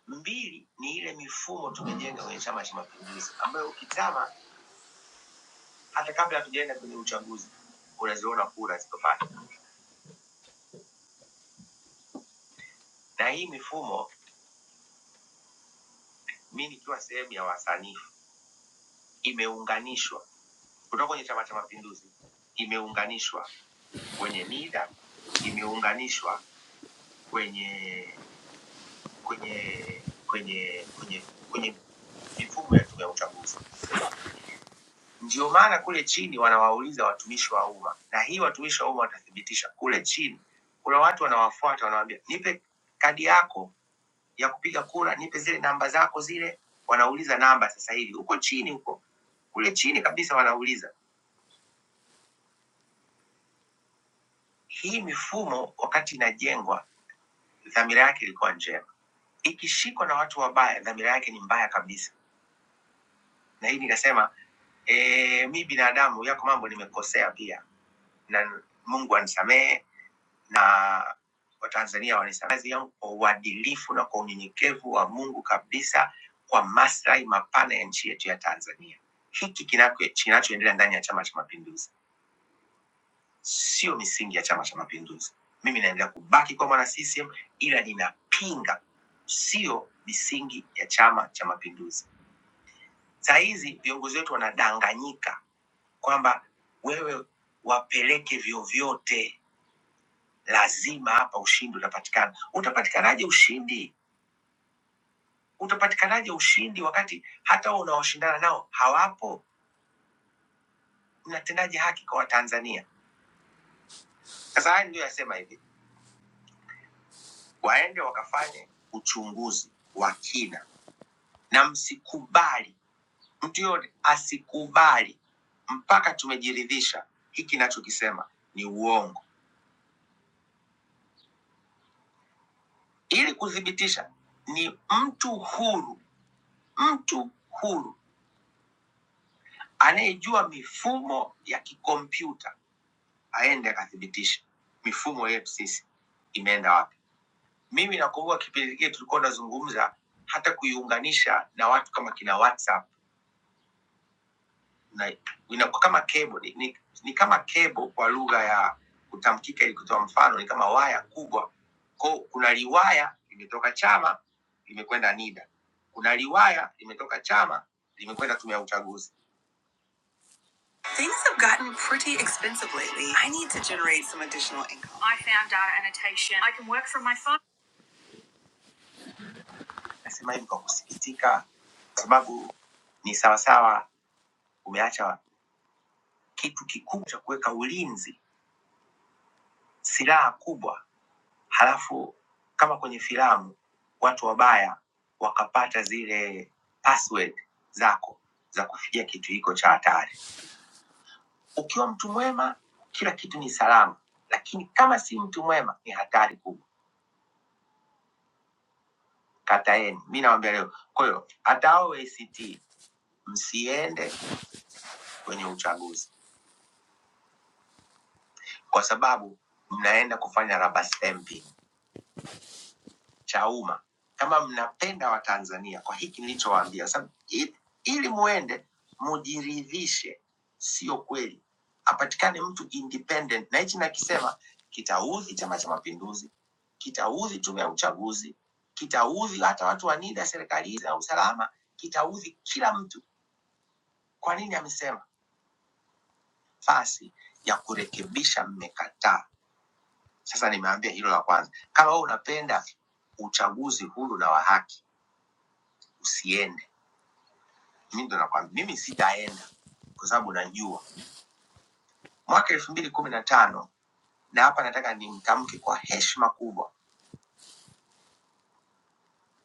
mbili, ni ile mifumo tumejenga kwenye Chama cha Mapinduzi ambayo ukitama hata kabla hatujaenda kwenye uchaguzi unaziona kura zilizofanya. Na hii mifumo, mi nikiwa sehemu ya wasanifu, imeunganishwa kutoka kwenye Chama cha Mapinduzi, imeunganishwa kwenye NIDA, imeunganishwa kwenye kwenye kwenye kwenye kwenye mifumo ya tume ya uchaguzi. Ndio maana kule chini wanawauliza watumishi wa umma, na hii watumishi wa umma watathibitisha kule chini. Kuna watu wanawafuata, wanawaambia nipe kadi yako ya kupiga kura, nipe zile namba zako zile. Wanauliza namba sasa hivi huko chini, huko kule chini kabisa wanauliza. Hii mifumo wakati inajengwa, dhamira yake ilikuwa njema. Ikishikwa na watu wabaya, dhamira yake ni mbaya kabisa. Na hii nikasema e, mi binadamu, yako mambo nimekosea pia, na Mungu anisamehe na Watanzania walisema kazi yangu kwa uadilifu na kwa unyenyekevu wa Mungu kabisa, kwa maslahi mapana ya nchi yetu ya Tanzania. Hiki kinako- kinachoendelea ndani ya Chama cha Mapinduzi sio misingi ya Chama cha Mapinduzi. Mimi naendelea kubaki kwa mwana CCM, ila ninapinga sio misingi ya Chama cha Mapinduzi. Saa hizi viongozi wetu wanadanganyika kwamba wewe wapeleke vyovyote lazima hapa ushindi utapatikana. Utapatikanaje ushindi? Utapatikanaje ushindi wakati hata wao unaoshindana nao hawapo? Mnatendaje haki kwa Watanzania? Sasa haya ndio yasema hivi, waende wakafanye uchunguzi wa kina, na msikubali mtu yote asikubali mpaka tumejiridhisha hiki nachokisema ni uongo. Ili kuthibitisha, ni mtu huru, mtu huru anayejua mifumo ya kikompyuta aende akathibitisha mifumo yetu sisi imeenda wapi. Mimi nakumbuka kipindi kile tulikuwa tunazungumza hata kuiunganisha na watu kama kina WhatsApp na inakuwa kama cable, ni, ni, ni kama cable kwa lugha ya kutamkika, ili kutoa mfano, ni kama waya kubwa. Kwa kuna liwaya limetoka Chama limekwenda NIDA, kuna liwaya limetoka Chama limekwenda tume ya uchaguzi. Things have gotten pretty expensive lately. I need to generate some additional income. I found data annotation. I can work from my phone. Nasema hivi kwa kusikitika, kwa sababu ni sawasawa umeacha kitu kikubwa cha kuweka ulinzi, silaha kubwa, halafu kama kwenye filamu watu wabaya wakapata zile password zako za kufikia kitu hiko cha hatari. Ukiwa mtu mwema, kila kitu ni salama, lakini kama si mtu mwema, ni hatari kubwa. kataeni. Mi nawambia leo, kwa hiyo hata hao ACT msiende kwenye uchaguzi, kwa sababu mnaenda kufanya rubber stamping Chauma. Kama mnapenda Watanzania, kwa hiki nilichowaambia, sababu i- ili muende mujiridhishe, sio kweli apatikane mtu independent, na hichi nakisema kitaudhi Chama cha Mapinduzi, kitaudhi Tume ya Uchaguzi, kitaudhi hata watu wa NIDA serikalini na usalama, kitaudhi kila mtu. Kwa nini amesema nafasi ya kurekebisha, mmekataa. Sasa nimeambia hilo la kwanza. Kama wewe unapenda uchaguzi huru na wa haki, usiende. Mimi ndo nakwambia, mimi sitaenda kwa sababu najua mwaka elfu mbili kumi na tano na hapa nataka nimtamke kwa heshima kubwa,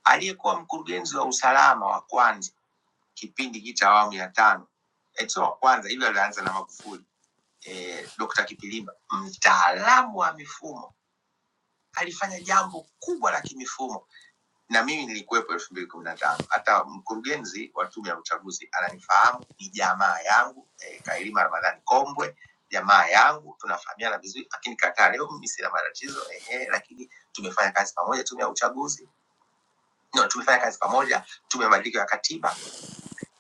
aliyekuwa mkurugenzi wa usalama wa kwanza kipindi hiki cha awamu ya tano, eh, sio wa kwanza, hivyo alianza na Magufuli, eh, Dr. Kipilima, mtaalamu wa mifumo, alifanya jambo kubwa la kimifumo na mimi nilikuwepo elfu mbili kumi na tano. Hata mkurugenzi wa tume ya uchaguzi ananifahamu, ni jamaa yangu eh, Kailima Ramadhani Kombwe, jamaa yangu, tunafahamiana vizuri, lakini kataa leo mimi sina matatizo eh, lakini tumefanya kazi pamoja tume ya uchaguzi no, tumefanya kazi pamoja tume ya mabadiliko ya katiba,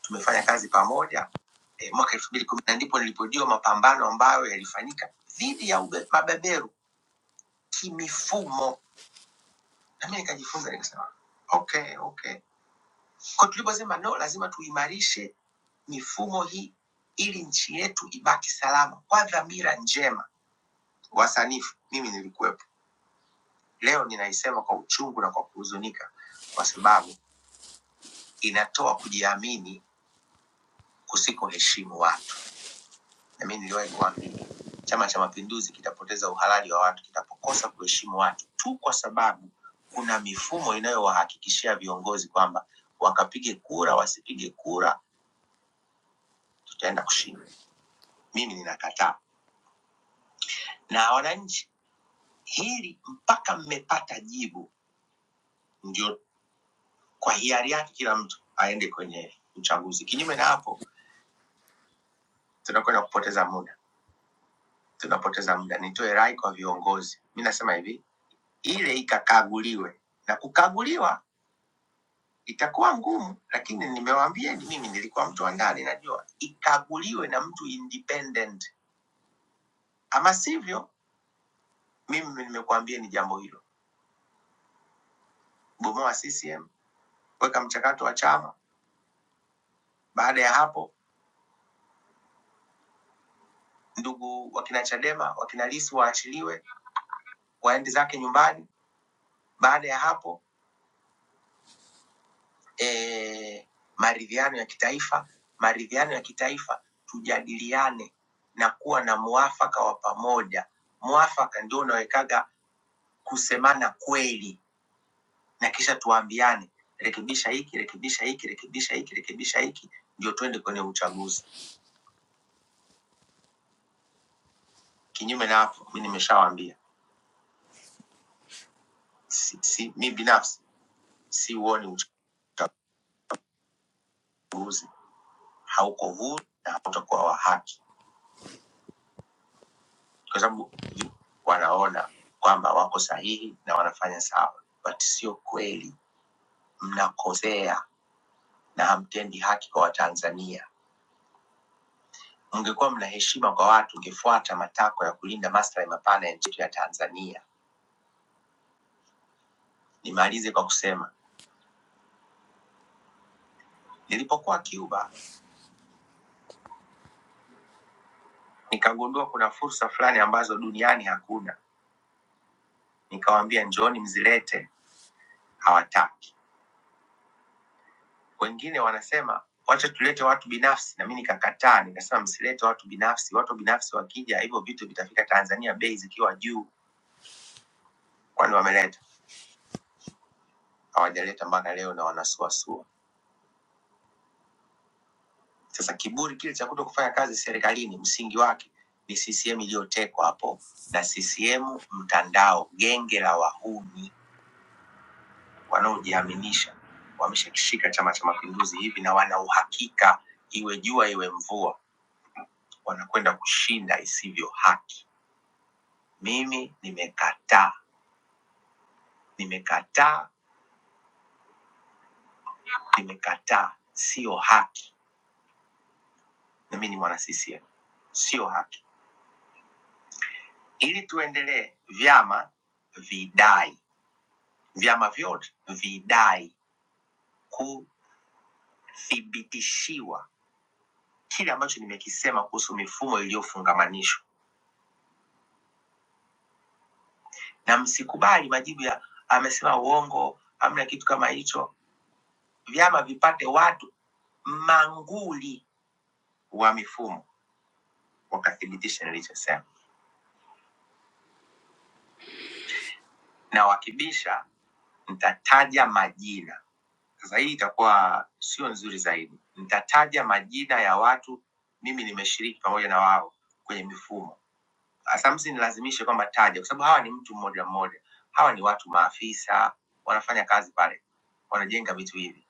tumefanya kazi pamoja eh, mwaka elfu mbili kumi na nane ndipo nilipojua mapambano ambayo yalifanyika dhidi ya ube- mabeberu kimifumo, na mimi nikajifunza, nikasema okay, okay Kwa tuliposema no, lazima tuimarishe mifumo hii ili nchi yetu ibaki salama kwa dhamira njema. Wasanifu, mimi nilikuwepo, leo ninaisema kwa uchungu na kwa kuhuzunika, kwa sababu inatoa kujiamini kusikoheshimu watu. Na mimi niliwahi kuambia Chama cha Mapinduzi kitapoteza uhalali wa watu kitapokosa kuheshimu watu tu kwa sababu kuna mifumo inayowahakikishia viongozi kwamba wakapige kura, wasipige kura, tutaenda kushinda. Mimi ninakataa. na wananchi. Hili mpaka mmepata jibu, ndio kwa hiari yake kila mtu aende kwenye uchaguzi. Kinyume na hapo, tunakwenda kupoteza muda, tunapoteza muda. Nitoe rai kwa viongozi, mi nasema hivi, ile ikakaguliwe na kukaguliwa itakuwa ngumu, lakini nimewaambieni, mimi nilikuwa mtu wa ndani, najua ikaguliwe na mtu independent, ama sivyo, mimi nimekuambia ni jambo hilo, bomoa CCM, weka mchakato wa chama. Baada ya hapo ndugu wakina Chadema wakina Lissu waachiliwe waende zake nyumbani. Baada ya hapo e, maridhiano ya kitaifa, maridhiano ya kitaifa, tujadiliane na kuwa na mwafaka wa pamoja. Mwafaka ndio unawekaga kusemana kweli, na kisha tuambiane, rekebisha hiki, rekebisha hiki, rekebisha hiki, rekebisha hiki, ndio twende kwenye uchaguzi. Kinyume na hapo, mi nimeshawaambia si, si, mi binafsi siuoni uchaguzi hauko huru na hautakuwa wa haki, kwa sababu wanaona kwamba wako sahihi na wanafanya sawa, but sio kweli. Mnakosea na hamtendi haki kwa Watanzania. Mngekuwa mna heshima kwa watu, ungefuata matakwa ya kulinda maslahi mapana ya nchi yetu ya Tanzania. Nimalize kwa kusema nilipokuwa Cuba nikagundua kuna fursa fulani ambazo duniani hakuna. Nikawaambia njooni mzilete, hawataki. Wengine wanasema wacha tulete watu binafsi, na mimi nikakataa, nikasema msilete watu binafsi. Watu binafsi wakija, hivyo vitu vitafika Tanzania bei zikiwa juu, kwani wameleta? Hawajaleta mpaka leo na wanasuasua. Sasa kiburi kile cha kuto kufanya kazi serikalini, msingi wake ni CCM iliyotekwa hapo na CCM mtandao, genge la wahuni wanaojiaminisha. Wameshakishika Chama cha Mapinduzi hivi na wana uhakika, iwe jua iwe mvua, wanakwenda kushinda isivyo haki. Mimi nimekataa, nimekataa, nimekataa. Sio haki, na mimi ni mwana CCM, sio haki. Ili tuendelee, vyama vidai, vyama vyote vidai kuthibitishiwa kile ambacho nimekisema kuhusu mifumo iliyofungamanishwa, na msikubali majibu ya amesema uongo, hamna kitu kama hicho. Vyama vipate watu manguli wa mifumo wakathibitisha nilichosema, na wakibisha mtataja majina. Sasa hii itakuwa sio nzuri zaidi. Mtataja majina ya watu, mimi nimeshiriki pamoja na wao kwenye mifumo. Sasa msinilazimishe kwamba taja, kwa sababu hawa ni mtu mmoja mmoja, hawa ni watu maafisa, wanafanya kazi pale, wanajenga vitu hivi,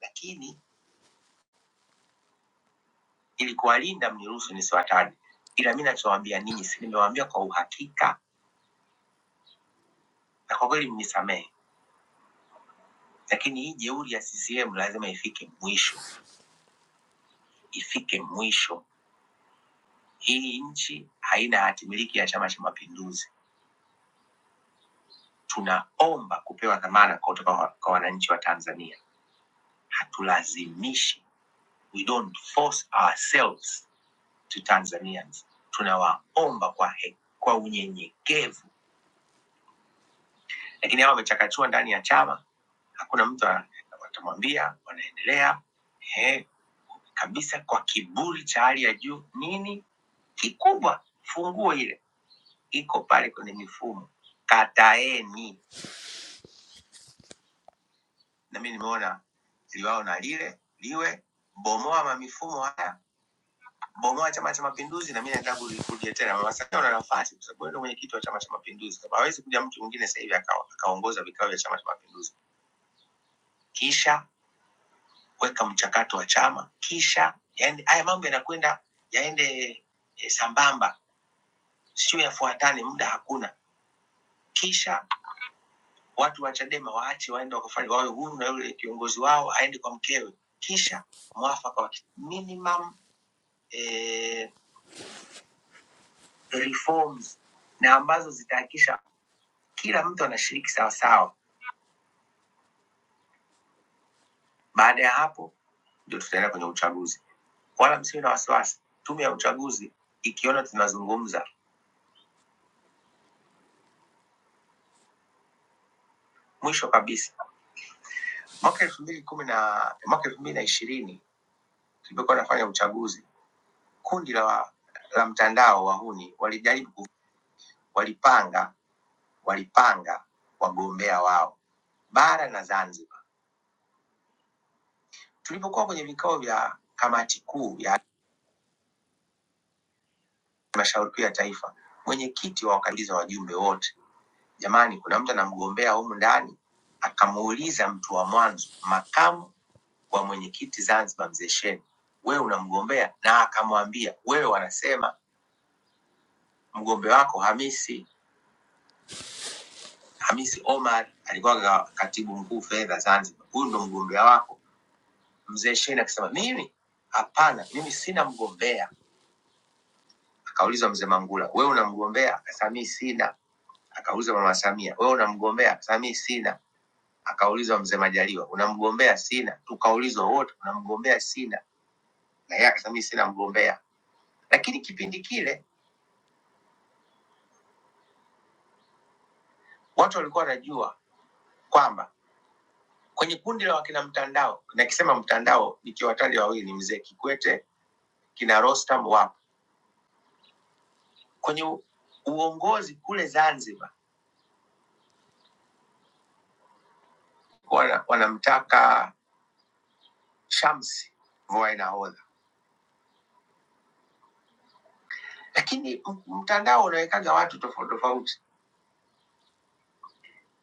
lakini ili kuwalinda mniruhusu nisiwataje, ila mi nachowaambia ninyi, si nimewaambia kwa uhakika na kwa kweli mnisamehe, lakini hii jeuri ya CCM lazima ifike mwisho, ifike mwisho Hii nchi haina hati miliki ya Chama cha Mapinduzi. Tunaomba kupewa dhamana kutoka kwa kwa wananchi wa Tanzania. Hatulazimishi, we don't force ourselves to Tanzanians. Tunawaomba kwa he, kwa unyenyekevu, lakini hawa wamechakachua ndani ya chama, hakuna mtu ana- watamwambia, wanaendelea eh, kabisa kwa kiburi cha hali ya juu. Nini kikubwa? Funguo ile iko pale kwenye mifumo, kataeni na mimi nimeona liwao na lile liwe bomoa mamifumo haya bomoa chama cha mapinduzi na mimi naenda kurudia tena mama samia una nafasi kwa sababu wewe ndio mwenyekiti wa chama cha mapinduzi kama hawezi kuja mtu mwingine sasa hivi aka- akaongoza vikao vya chama cha mapinduzi kisha weka mchakato wa chama kisha yaende haya mambo yanakwenda yaende e, sambamba sio yafuatane muda hakuna kisha watu wa chadema waache waende wakafanye wawe huru na yule kiongozi wao aende kwa mkewe kisha mwafaka wa ki- minimum eh, reforms na ambazo zitahakikisha kila mtu anashiriki sawasawa. Baada ya hapo ndio tutaenda kwenye uchaguzi, wala msiwe na wasiwasi. Tume ya uchaguzi ikiona tunazungumza, mwisho kabisa, mwaka elfu mbili na kumi na mwaka elfu mbili na ishirini tulipokuwa nafanya uchaguzi, kundi la, wa- la mtandao wahuni walijaribu, ku- walipanga walipanga wagombea wao bara na Zanzibar. Tulipokuwa kwenye vikao vya kamati kuu ya Halmashauri Kuu ya Taifa, mwenyekiti wa wakabidhi wajumbe wote. Jamani, kuna mtu anamgombea humu ndani, akamuuliza mtu wa mwanzo, makamu wa mwenyekiti Zanzibar, mzee Sheni, wewe unamgombea? Na akamwambia wewe, wanasema mgombe wako Hamisi Hamisi Omar alikuwa ga- katibu mkuu fedha Zanzibar, huyu ndo mgombea wako. Mzee Sheni akasema mimi hapana, mimi sina mgombea. Akaulizwa mzee Mangula, wewe unamgombea? Akasema mimi sina. Akauliza mama Samia, wewe unamgombea? Akasema mimi sina. Akaulizwa mzee Majaliwa, unamgombea? Sina. Tukaulizwa wote, unamgombea? Sina. Na yeye akasema mimi sina mgombea. Lakini kipindi kile watu walikuwa wanajua kwamba kwenye kundi la wakina mtandao, nakisema mtandao nikiwataja wawili, ni mzee Kikwete, kina Rostam wapo kwenye u- uongozi kule Zanzibar, wana- wanamtaka Shamsi Vuai nahodha, lakini m- mtandao unawekaga watu tofauti tofauti.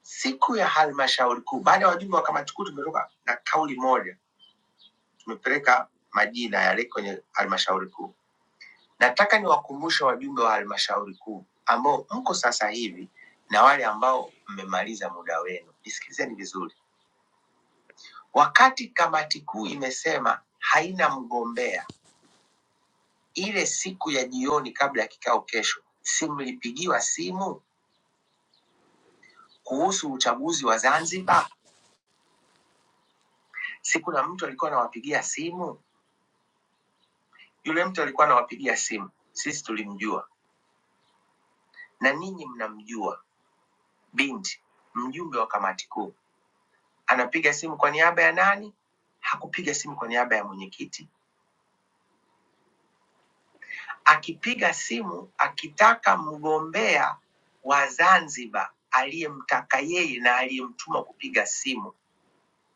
Siku ya halmashauri kuu, baada ya wajumbe wa kamati kuu tumetoka na kauli moja tumepeleka majina yale kwenye halmashauri kuu. Nataka niwakumbushe wajumbe wa halmashauri kuu ambao mko sasa hivi na wale ambao mmemaliza muda wenu, nisikilizeni vizuri. Wakati kamati kuu imesema haina mgombea, ile siku ya jioni kabla ya kikao kesho, si mlipigiwa simu kuhusu uchaguzi wa Zanzibar? Si kuna mtu alikuwa anawapigia simu? Yule mtu alikuwa anawapigia simu, sisi tulimjua na ninyi mnamjua Binti, mjumbe wa kamati kuu, anapiga simu kwa niaba ya nani? Hakupiga simu kwa niaba ya mwenyekiti, akipiga simu akitaka mgombea wa Zanzibar aliyemtaka yeye na aliyemtuma kupiga simu,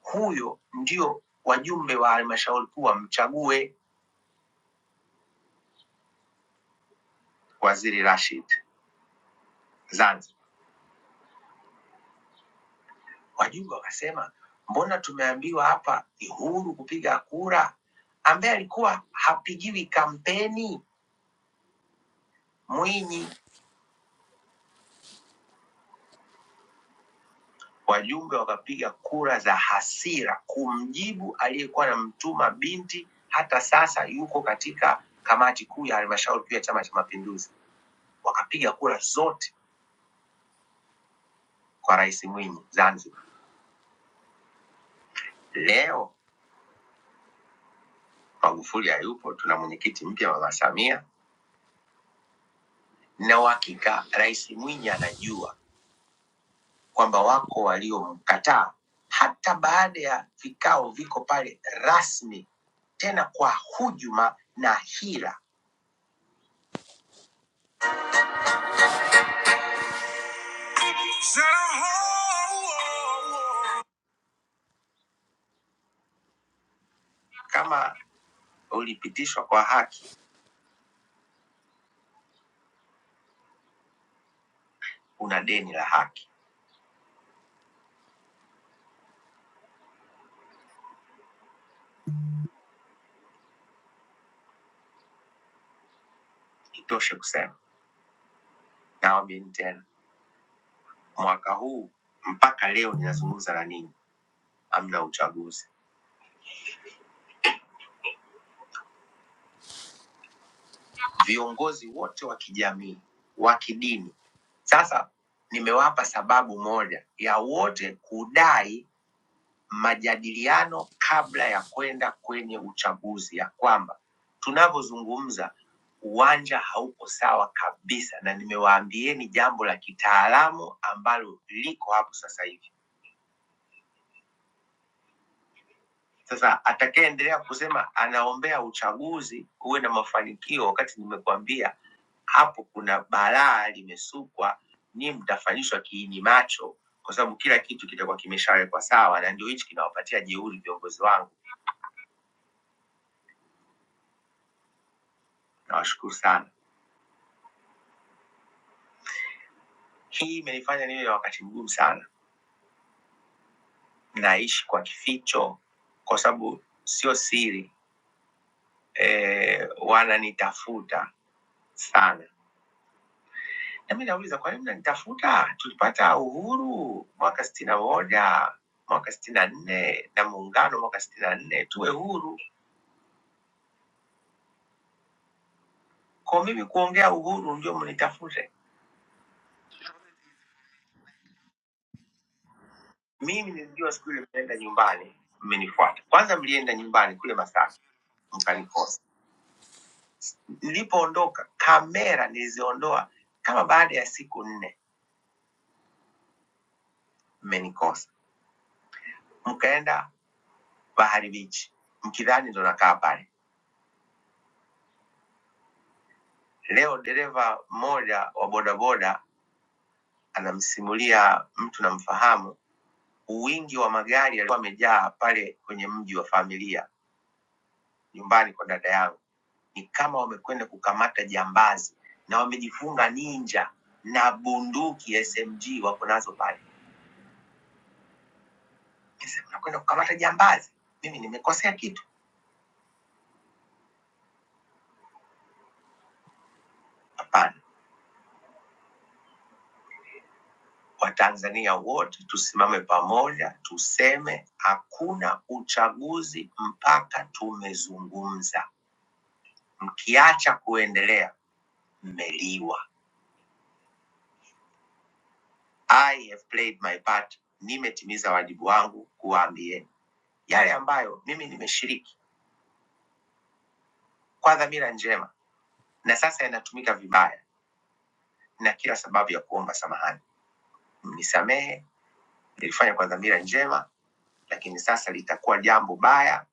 huyo ndio wajumbe wa halmashauri kuu wamchague waziri Rashid Zanzibar. Wajumbe wakasema, mbona tumeambiwa hapa ni huru kupiga kura, ambaye alikuwa hapigiwi kampeni Mwinyi Wajumbe wakapiga kura za hasira kumjibu aliyekuwa anamtuma binti, hata sasa yuko katika kamati kuu ya halmashauri kuu ya Chama cha Mapinduzi. Wakapiga kura zote kwa Rais Mwinyi Zanzibar. Leo Magufuli hayupo, tuna mwenyekiti mpya Mama Samia, na uhakika Rais Mwinyi anajua kwamba wako waliomkataa, hata baada ya vikao viko pale rasmi, tena kwa hujuma na hila. Sera hao Kama ulipitishwa kwa haki, una deni la haki. Itoshe kusema na tena, mwaka huu mpaka leo ninazungumza na ninyi, hamna uchaguzi. Viongozi wote wa kijamii, wa kidini, sasa nimewapa sababu moja ya wote kudai majadiliano kabla ya kwenda kwenye uchaguzi, ya kwamba tunavyozungumza uwanja haupo sawa kabisa, na nimewaambieni jambo la kitaalamu ambalo liko hapo sasa hivi. Sasa atakayeendelea kusema anaombea uchaguzi uwe na mafanikio, wakati nimekuambia hapo kuna balaa limesukwa, nyinyi mtafanyishwa kiini macho, kwa sababu kila kitu kitakuwa kimeshawekwa sawa, na ndio hichi kinawapatia jeuri viongozi wangu. Nawashukuru sana. Hii imenifanya niwe na wakati mgumu sana, naishi kwa kificho kwa sababu sio siri e, wananitafuta sana. Nami nauliza, kwa nini mnanitafuta? Tulipata uhuru mwaka sitini na moja mwaka sitini na nne na muungano mwaka sitini na nne tuwe huru. Kwa mimi kuongea uhuru ndio mnitafute mimi. Nilijua siku ile mnaenda nyumbani, mmenifuata. Kwanza mlienda nyumbani kule Masaki mkanikosa Nilipoondoka kamera niliziondoa kama baada ya siku nne, mmenikosa, mkaenda Bahari Beach mkidhani ndo nakaa pale. Leo dereva mmoja wa bodaboda anamsimulia mtu namfahamu, wingi wa magari yalikuwa amejaa pale kwenye mji wa familia, nyumbani kwa dada yangu. Ni kama wamekwenda kukamata jambazi na wamejifunga ninja na bunduki SMG wako nazo pale. Nikasema, Nakwenda kukamata jambazi, mimi nimekosea kitu? Hapana. Watanzania wote tusimame pamoja, tuseme hakuna uchaguzi mpaka tumezungumza. Mkiacha kuendelea, mmeliwa. I have played my part, nimetimiza wajibu wangu kuwaambieni yale ambayo mimi nimeshiriki kwa dhamira njema, na sasa yanatumika vibaya, na kila sababu ya kuomba samahani. Mnisamehe, nilifanya kwa dhamira njema, lakini sasa litakuwa jambo baya.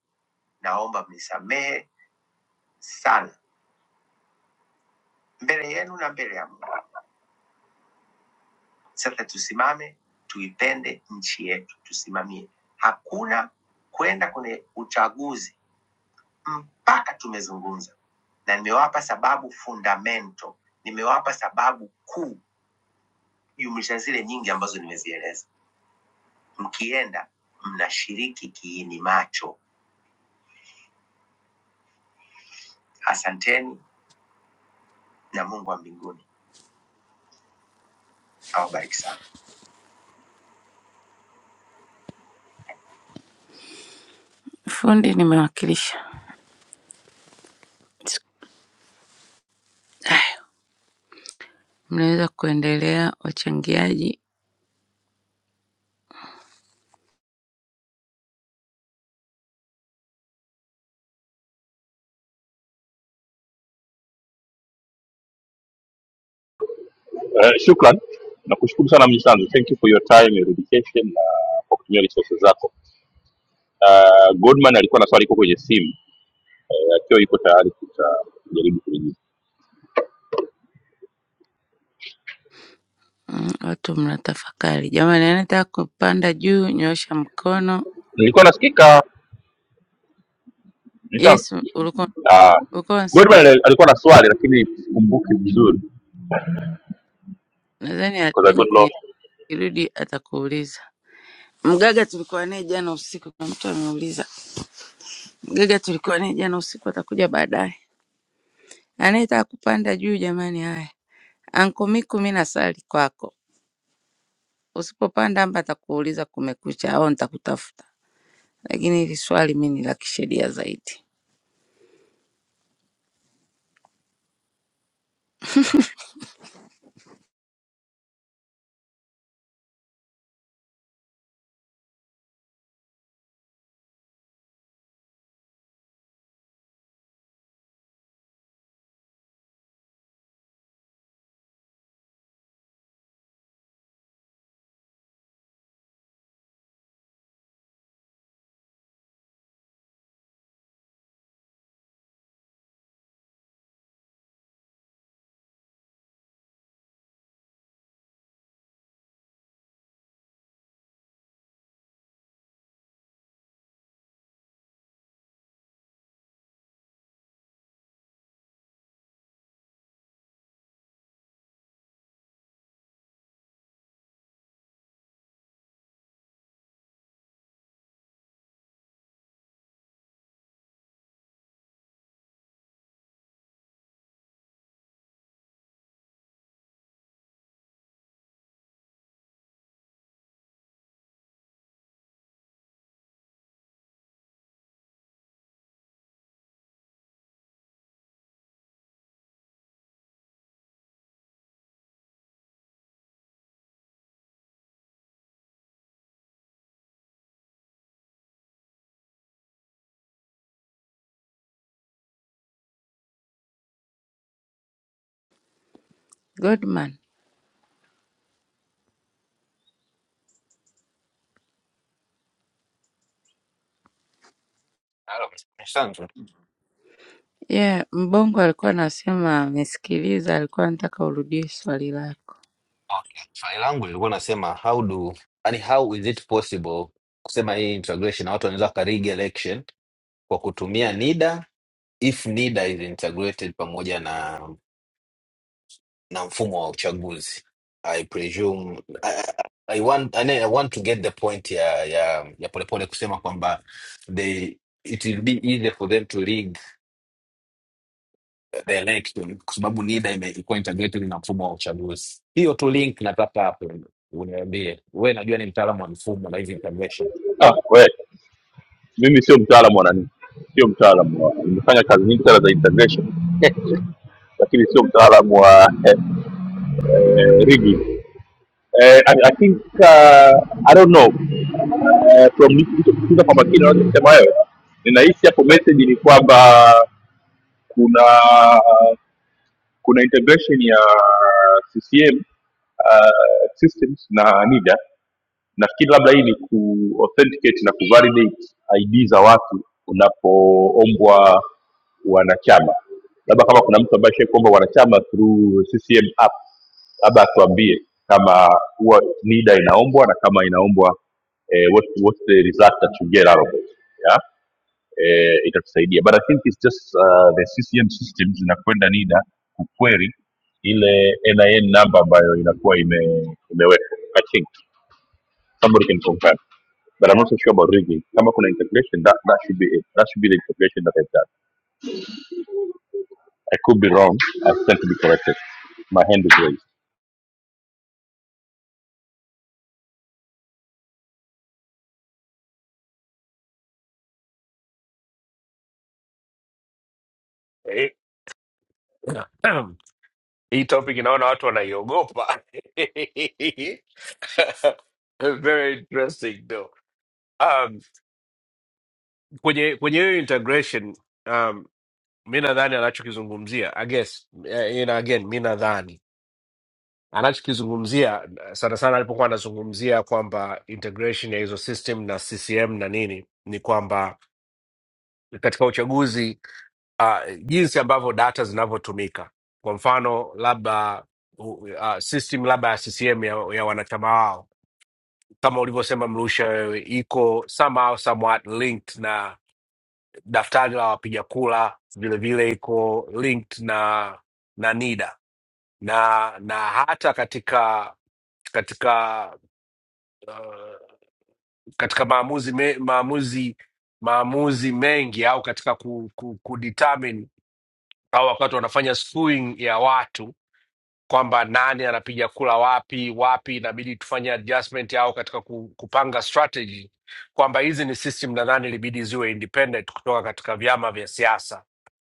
Naomba mnisamehe sana mbele yenu na mbele ya Mungu. Sasa tusimame, tuipende nchi yetu, tusimamie. Hakuna kwenda kwenye uchaguzi mpaka tumezungumza, na nimewapa sababu fundamento, nimewapa sababu kuu jumlisha zile nyingi ambazo nimezieleza. Mkienda mnashiriki kiini macho. Asanteni na Mungu wa mbinguni awabariki sana. Fundi, nimewakilisha. Mnaweza kuendelea wachangiaji.
Eh, shukran nakushukuru sana mnyisanzu thank you for your time your dedication na kwa kutumia resources zako uh, goldman alikuwa na swali iko kwenye simu Eh, akiwa yuko tayari tutajaribu kulijibu
Mm, Watu mnatafakari. Jamani, anataka kupanda juu, nyoosha mkono.
nilikuwa nasikika mnyisanzu
Yes, ulikuwa
uh,
ulikuwa unasi-
goldman ali- alikuwa na swali lakini sikumbuki vizuri
nadhani a-
because I
yuko
got lost.
kwenye kirudi, atakuuliza. Mgaga tulikuwa naye jana usiku, kuna mtu ameuliza mgaga tulikuwa naye jana usiku, atakuja baadaye. Anayetaka kupanda juu, jamani, haya Anko Miku, mi nasali kwako, usipopanda amba atakuuliza kumekucha au nitakutafuta, lakini hili swali mi ni la kisheria zaidi. Godman.
Hello. Asante.
Yeah, Mbongo alikuwa anasema amesikiliza, alikuwa anataka urudie swali lako.
Okay. Swali langu lilikuwa nasema how do yani how is it possible kusema hii integration na watu wanaweza wakarig election kwa kutumia NIDA if NIDA is integrated pamoja na na mfumo wa uchaguzi. I presume I, I, I want, I, I want to get the point ya ya ya Polepole kusema kwamba they it will be easier for them to rig the election kwa sababu NIDA ime- ilikuwa integrated na mfumo wa uchaguzi. Hiyo tu link nataka hapo uniambie. Wewe najua ni mtaalamu wa mfumo na hizi intervention.
ah, we mimi sio mtaalamu wa nani sio mtaalamu wa nimefanya kazi nyingi sana za integration lakini sio mtaalamu wa eh, eh, rigging. Eh, I, I think uh, I don't know Eh, from nilichokusikiza kwa makini unachosema wewe ninahisi hapo message ni kwamba kuna kuna integration ya ccm uh, systems na nida nafikiri labda hii ni kuauthenticate na kuvalidate id za watu unapoombwa wanachama labda kama kuna mtu ambaye ashai kuomba wanachama through ccm app labda atuambie kama huwa nida inaombwa na kama inaombwa eh, what, what's the result that you get out of it yeah? eh, itatusaidia but i think it's just uh, the ccm system zinakwenda nida kuquery ile nin number ambayo inakuwa ime, imewekwa I think Somebody can confirm. But I'm not so sure about rigging. Come up with an interpretation. That that should be it. That should be the interpretation that I've done. I could be wrong. I stand to be corrected. My hand is raised.
Eh, Hii topic inaona watu wanaiogopa. Very interesting though. Um, kwenye kwenye hiyo integration um, mi nadhani anachokizungumzia I guess, eh, you know, again mi nadhani anachokizungumzia sana sana alipokuwa anazungumzia kwamba integration ya hizo system na CCM na nini ni kwamba katika uchaguzi uh, jinsi ambavyo data zinavyotumika. Kwa mfano labda uh, system labda ya CCM ya, ya wanachama wao kama ulivyosema Mrusha, wewe iko somehow somewhat linked na daftari la wapiga kura, vilevile iko linked na na NIDA na na hata katika katika uh, katika maamuzi me, maamuzi maamuzi mengi au katika ku, ku, kudetermine au wakati wanafanya screening ya watu kwamba nani anapiga kula wapi wapi, inabidi tufanye adjustment au katika ku- kupanga strategy kwamba hizi ni system nadhani ilibidi ziwe independent kutoka katika vyama vya siasa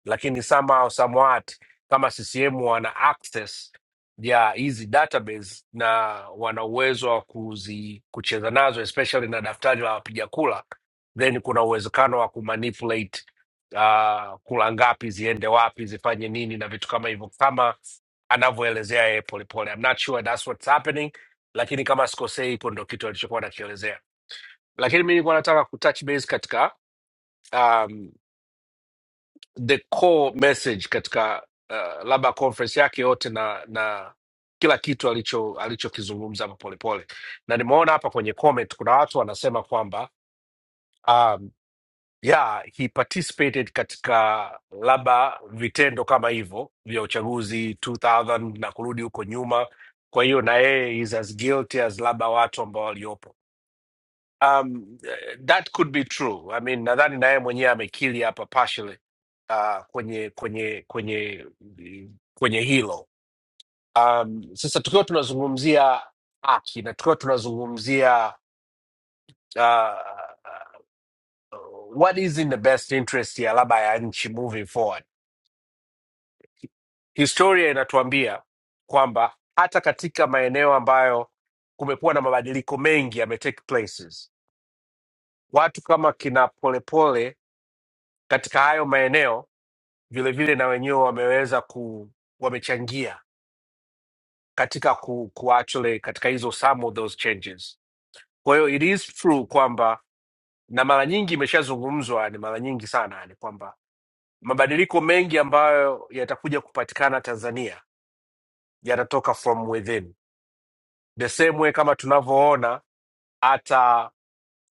lakini somehow somewhat kama ccm wana access ya hizi database na wana uwezo wa kuzi kucheza nazo especially na daftari la wapiga kula then kuna uwezekano wa kumanipulate uh, kula ngapi ziende wapi zifanye nini na vitu kama hivyo kama anavyoelezea yeye polepole I'm not sure that's what's happening lakini kama sikosei hiko ndo kitu alichokuwa anakielezea lakini mi nilikuwa nataka kutouch base katika um, the core message katika uh, labda conference yake yote na na kila kitu alicho alichokizungumza hapo polepole na nimeona hapa kwenye comment kuna watu wanasema kwamba um, yeah he participated katika labda vitendo kama hivyo vya uchaguzi 2000 na kurudi huko nyuma kwa hiyo na yeye is as guilty as labda watu ambao waliopo Um, eh, that could be true. I mean, nadhani na yeye mwenyewe amekili hapa partially uh, kwenye kwenye kwenye kwenye hilo. Um, sasa tukiwa tunazungumzia haki na tukiwa tunazungumzia uh, what is in the best interest ya labda ya nchi moving forward, historia inatuambia kwamba hata katika maeneo ambayo kumekuwa na mabadiliko mengi yame take places, watu kama kina Polepole katika hayo maeneo vilevile na wenyewe wameweza ku wamechangia katika ku, ku actually katika hizo some of those changes kwa hiyo it is true kwamba na mara nyingi imeshazungumzwa ni mara nyingi sana ni kwamba mabadiliko mengi ambayo yatakuja kupatikana tanzania yatatoka from within the same way kama tunavyoona hata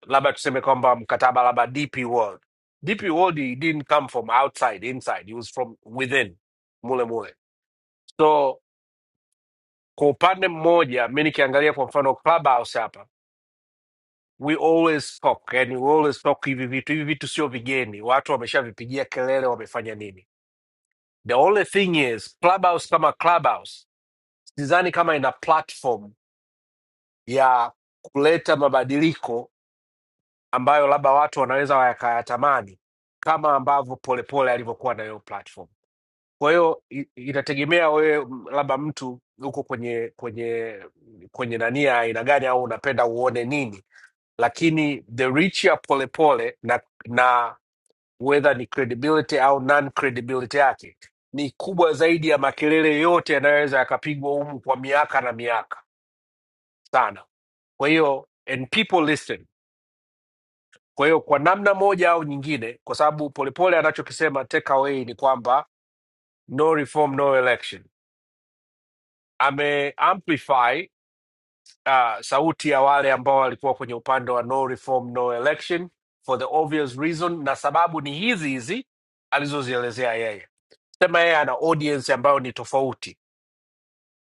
labda tuseme kwamba mkataba labda dp world dp world it didn't come from outside inside it was from within mule mule So Kwa upande mmoja, mi nikiangalia kwa mfano Clubhouse hapa, we always talk, yani we always talk hivi vitu. Hivi vitu sio vigeni, watu wameshavipigia kelele, wamefanya nini. The only thing is Clubhouse kama Clubhouse, sidhani kama ina platform ya kuleta mabadiliko ambayo labda watu wanaweza wakayatamani kama ambavyo Polepole alivyokuwa na hiyo platform. Kwa hiyo i- inategemea wewe m- labda mtu uko kwenye kwenye kwenye nani ya aina gani au unapenda uone nini lakini the reach ya polepole na, na whether ni credibility au non credibility yake ni kubwa zaidi ya makelele yote yanayoweza yakapigwa humu kwa miaka na miaka sana. Kwa hiyo and people listen. Kwa hiyo kwa namna moja au nyingine, kwa sababu polepole anachokisema takeaway ni kwamba no reform no election, ame amplify uh, sauti ya wale ambao walikuwa kwenye upande wa no reform no election for the obvious reason, na sababu ni hizi hizi alizozielezea yeye. Sema yeye ana audience ambayo ni tofauti,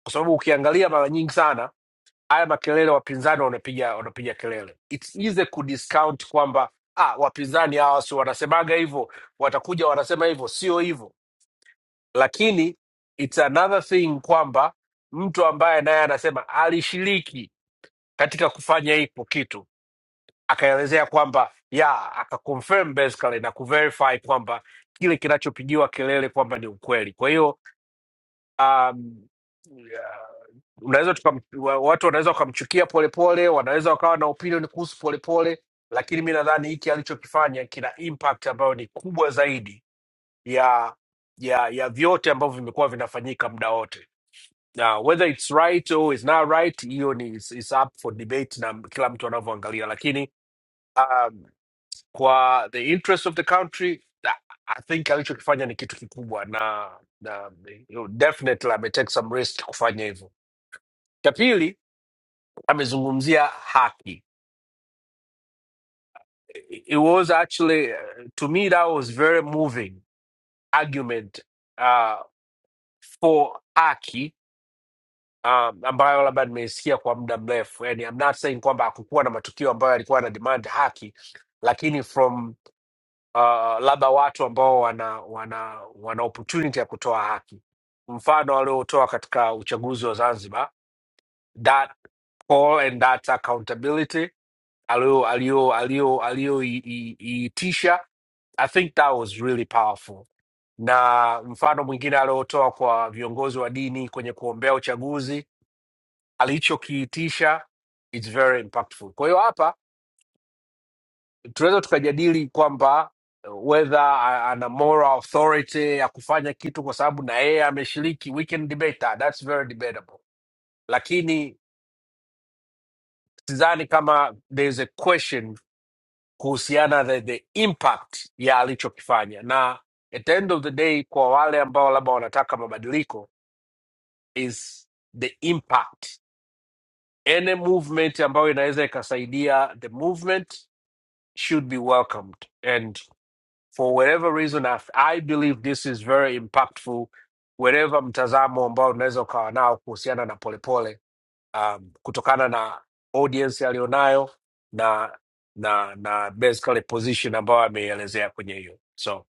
kwa sababu ukiangalia mara nyingi sana haya makelele wapinzani wanapiga wanapiga kelele, it's easy kudiscount kwamba ah, wapinzani hawa si wanasemaga hivyo, watakuja wanasema hivyo, sio hivyo, lakini it's another thing kwamba mtu ambaye naye anasema alishiriki katika kufanya hiko kitu akaelezea kwamba ya akaconfirm basically na kuverify kwamba kile kinachopigiwa kelele kwamba ni ukweli. Kwa hiyo um, yeah, unaweza tukam, wa- watu wanaweza wakamchukia Polepole, wanaweza wakawa na opinion kuhusu Polepole, lakini mi nadhani hiki alichokifanya kina impact ambayo ni kubwa zaidi ya ya ya vyote ambavyo vimekuwa vinafanyika muda wote. Na whether it's right or it's not right, hiyo ni is is up for debate na kila mtu anavyoangalia, lakini um, kwa the interest of the country na- I think alichokifanya ni kitu kikubwa na, na you know, definitely ametake some risk kufanya hivyo. Cha pili amezungumzia haki. It was actually uh, to me that was very moving argument uh, for haki um, ambayo labda nimeisikia kwa muda mrefu. Yani, I'm not saying kwamba hakukuwa na matukio ambayo yalikuwa na demand haki, lakini from uh, labda watu ambao wana, wana, wana opportunity ya kutoa haki, mfano aliotoa katika uchaguzi wa Zanzibar, that call and that accountability alio- alio- alio- alioiitisha, I think that was really powerful. Na mfano mwingine aliotoa kwa viongozi wa dini kwenye kuombea uchaguzi, alichokiitisha, it's very impactful. Kwa hiyo hapa tunaweza tukajadili kwamba uh, whether a- ana moral authority ya kufanya kitu kwa sababu na yeye ameshiriki we can debate that that's very debatable lakini sidhani kama there's a question kuhusiana the, the impact ya alichokifanya na at the end of the day kwa wale ambao labda wanataka mabadiliko is the impact any movement ambayo inaweza ikasaidia the movement should be welcomed and for whatever reason I, I believe this is very impactful wherever mtazamo ambao unaweza ukawa nao kuhusiana na polepole um, kutokana na audience aliyonayo na na na basically position ambayo ameielezea kwenye hiyo so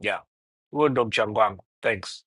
yeah huo ndo mchango wangu thanks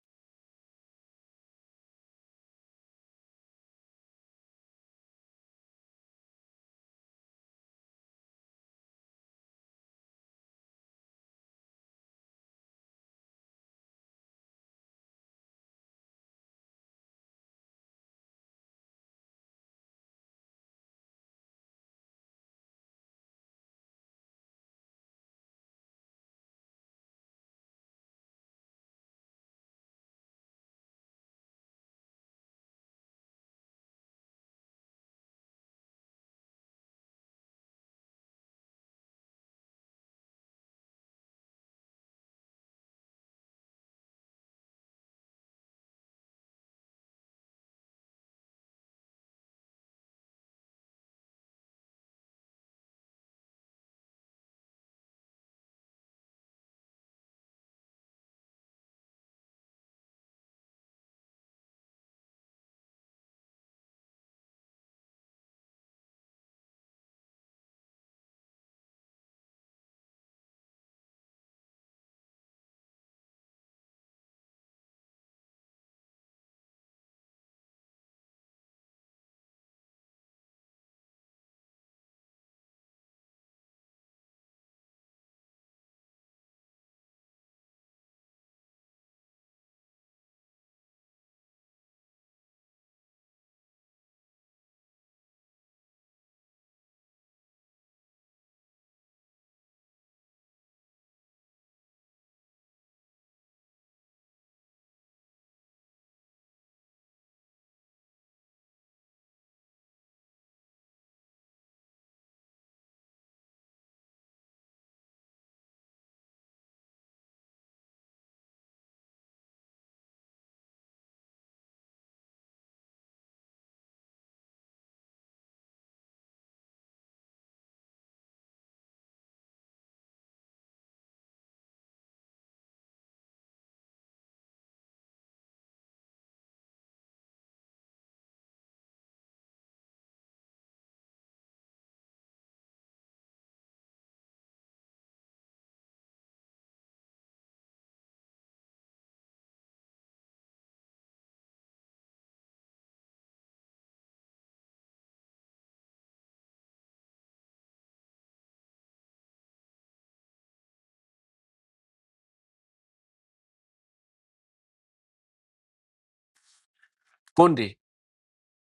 fundi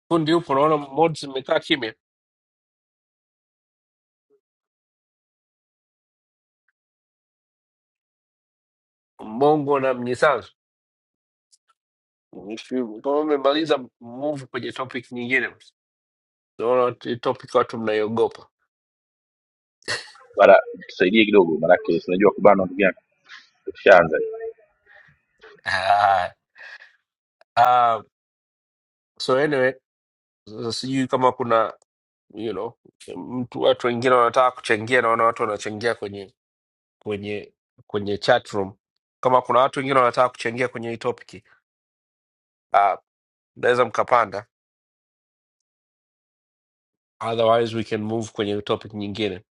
fundi upo naona mods imekaa kimya mbongo na mnyisanzu Mshu- kama umemaliza move kwenye topic nyingine naona t- topic watu mnaiogopa
Bara tusaidie kidogo, maanake sinajua kubanwa ndugu yangu.
Ah, so anyway sasa sijui kama kuna you know mtu watu wengine wanataka kuchangia naona watu wanachangia kwenye kwenye kwenye chat room kama kuna watu wengine wanataka kuchangia kwenye hii topic ah, mnaweza mkapanda otherwise we can move kwenye topic nyingine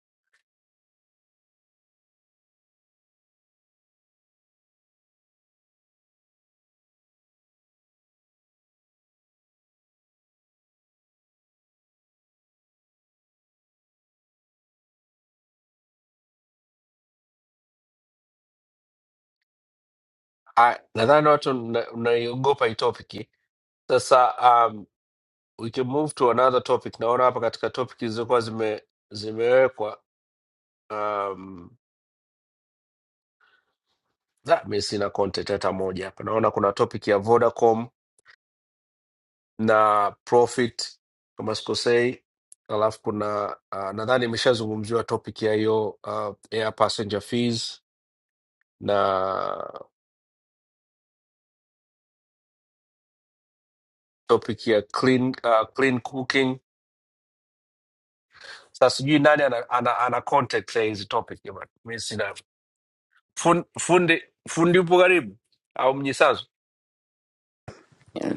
Ah, nadhani watu mna- mnaiogopa hii topic sasa um, we can move to another topic naona hapa katika topic zilizokuwa zime zimewekwa um, da, mi sina content hata moja hapa naona kuna topic ya vodacom na profit kama sikosei alafu kuna uh, nadhani imeshazungumziwa topic ya hiyo uh, air passenger fees na topic ya clean, uh, clean cooking sasa sijui nani ana, ana, ana contact ya hizi topic jamani mi sina Fun- fundi fundi upo karibu au mnyisazo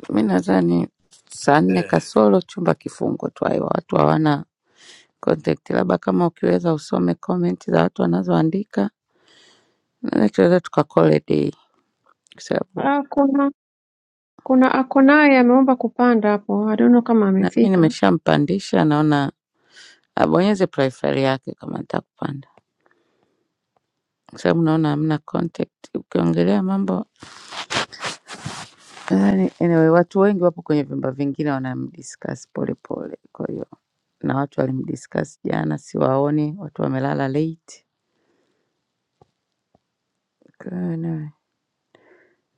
Mi nadhani saa nne
Eh.
kasoro chumba kifungwe tu, aiwa watu hawana contact, labda kama ukiweza usome comment za watu wanazoandika, nadhani tunaweza tukakole dei, kwa sababu
Ah, kuna kuna akonaye ameomba kupanda hapo, I don't know kama
na mi
amefika.
nimeshampandisha, naona abonyeze profile yake kama atakupanda, kwa sababu naona hamna contact. Ukiongelea mambo Nadhani anyway watu wengi wapo kwenye vyumba vingine wanamdiscuss Polepole kwa hiyo na watu walimdiscuss jana siwaoni, watu wamelala late. Kwa hiyo anyway,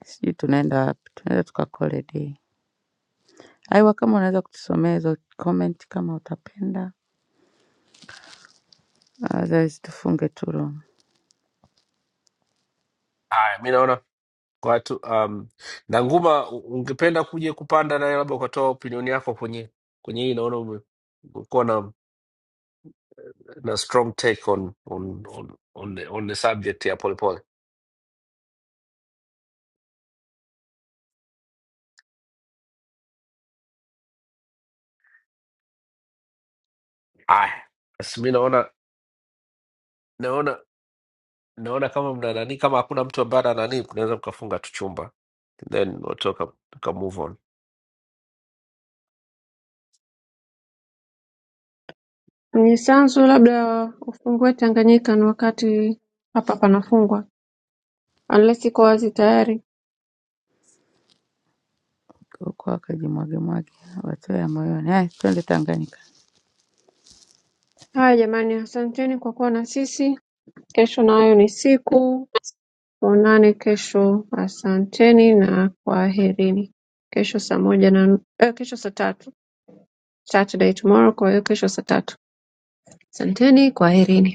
Sijui tunaenda wapi, tunaweza tuka call a day. Aiwa kama unaweza kutusomea hizo comment kama utapenda. Otherwise tufunge tu room.
haya mi naona watu um, na nguma u- ungependa kuja kupanda naye labda ukatoa opinioni yako kwenye kwenye hii naona umekuwa na na strong take on on on on the, on the subject ya polepole. Haya, basi mi naona naona naona kama mna nani, kama hakuna mtu ambaye ana nani, kunaweza mkafunga tu chumba then watoka tuka move on.
Nisanzu, labda ufungue Tanganyika, ni wakati hapa panafungwa, unless iko wazi tayari.
Huko wakajimwage mwage watoe ya moyoni. Haya, twende Tanganyika.
Haya jamani, asanteni kwa kuwa na sisi. Kesho nayo ni siku, tuonane kesho. Asanteni na kwaherini. Kesho saa moja na eh, kesho saa tatu. Saturday, tomorrow kwa hiyo kesho saa tatu. Asanteni, kwaherini.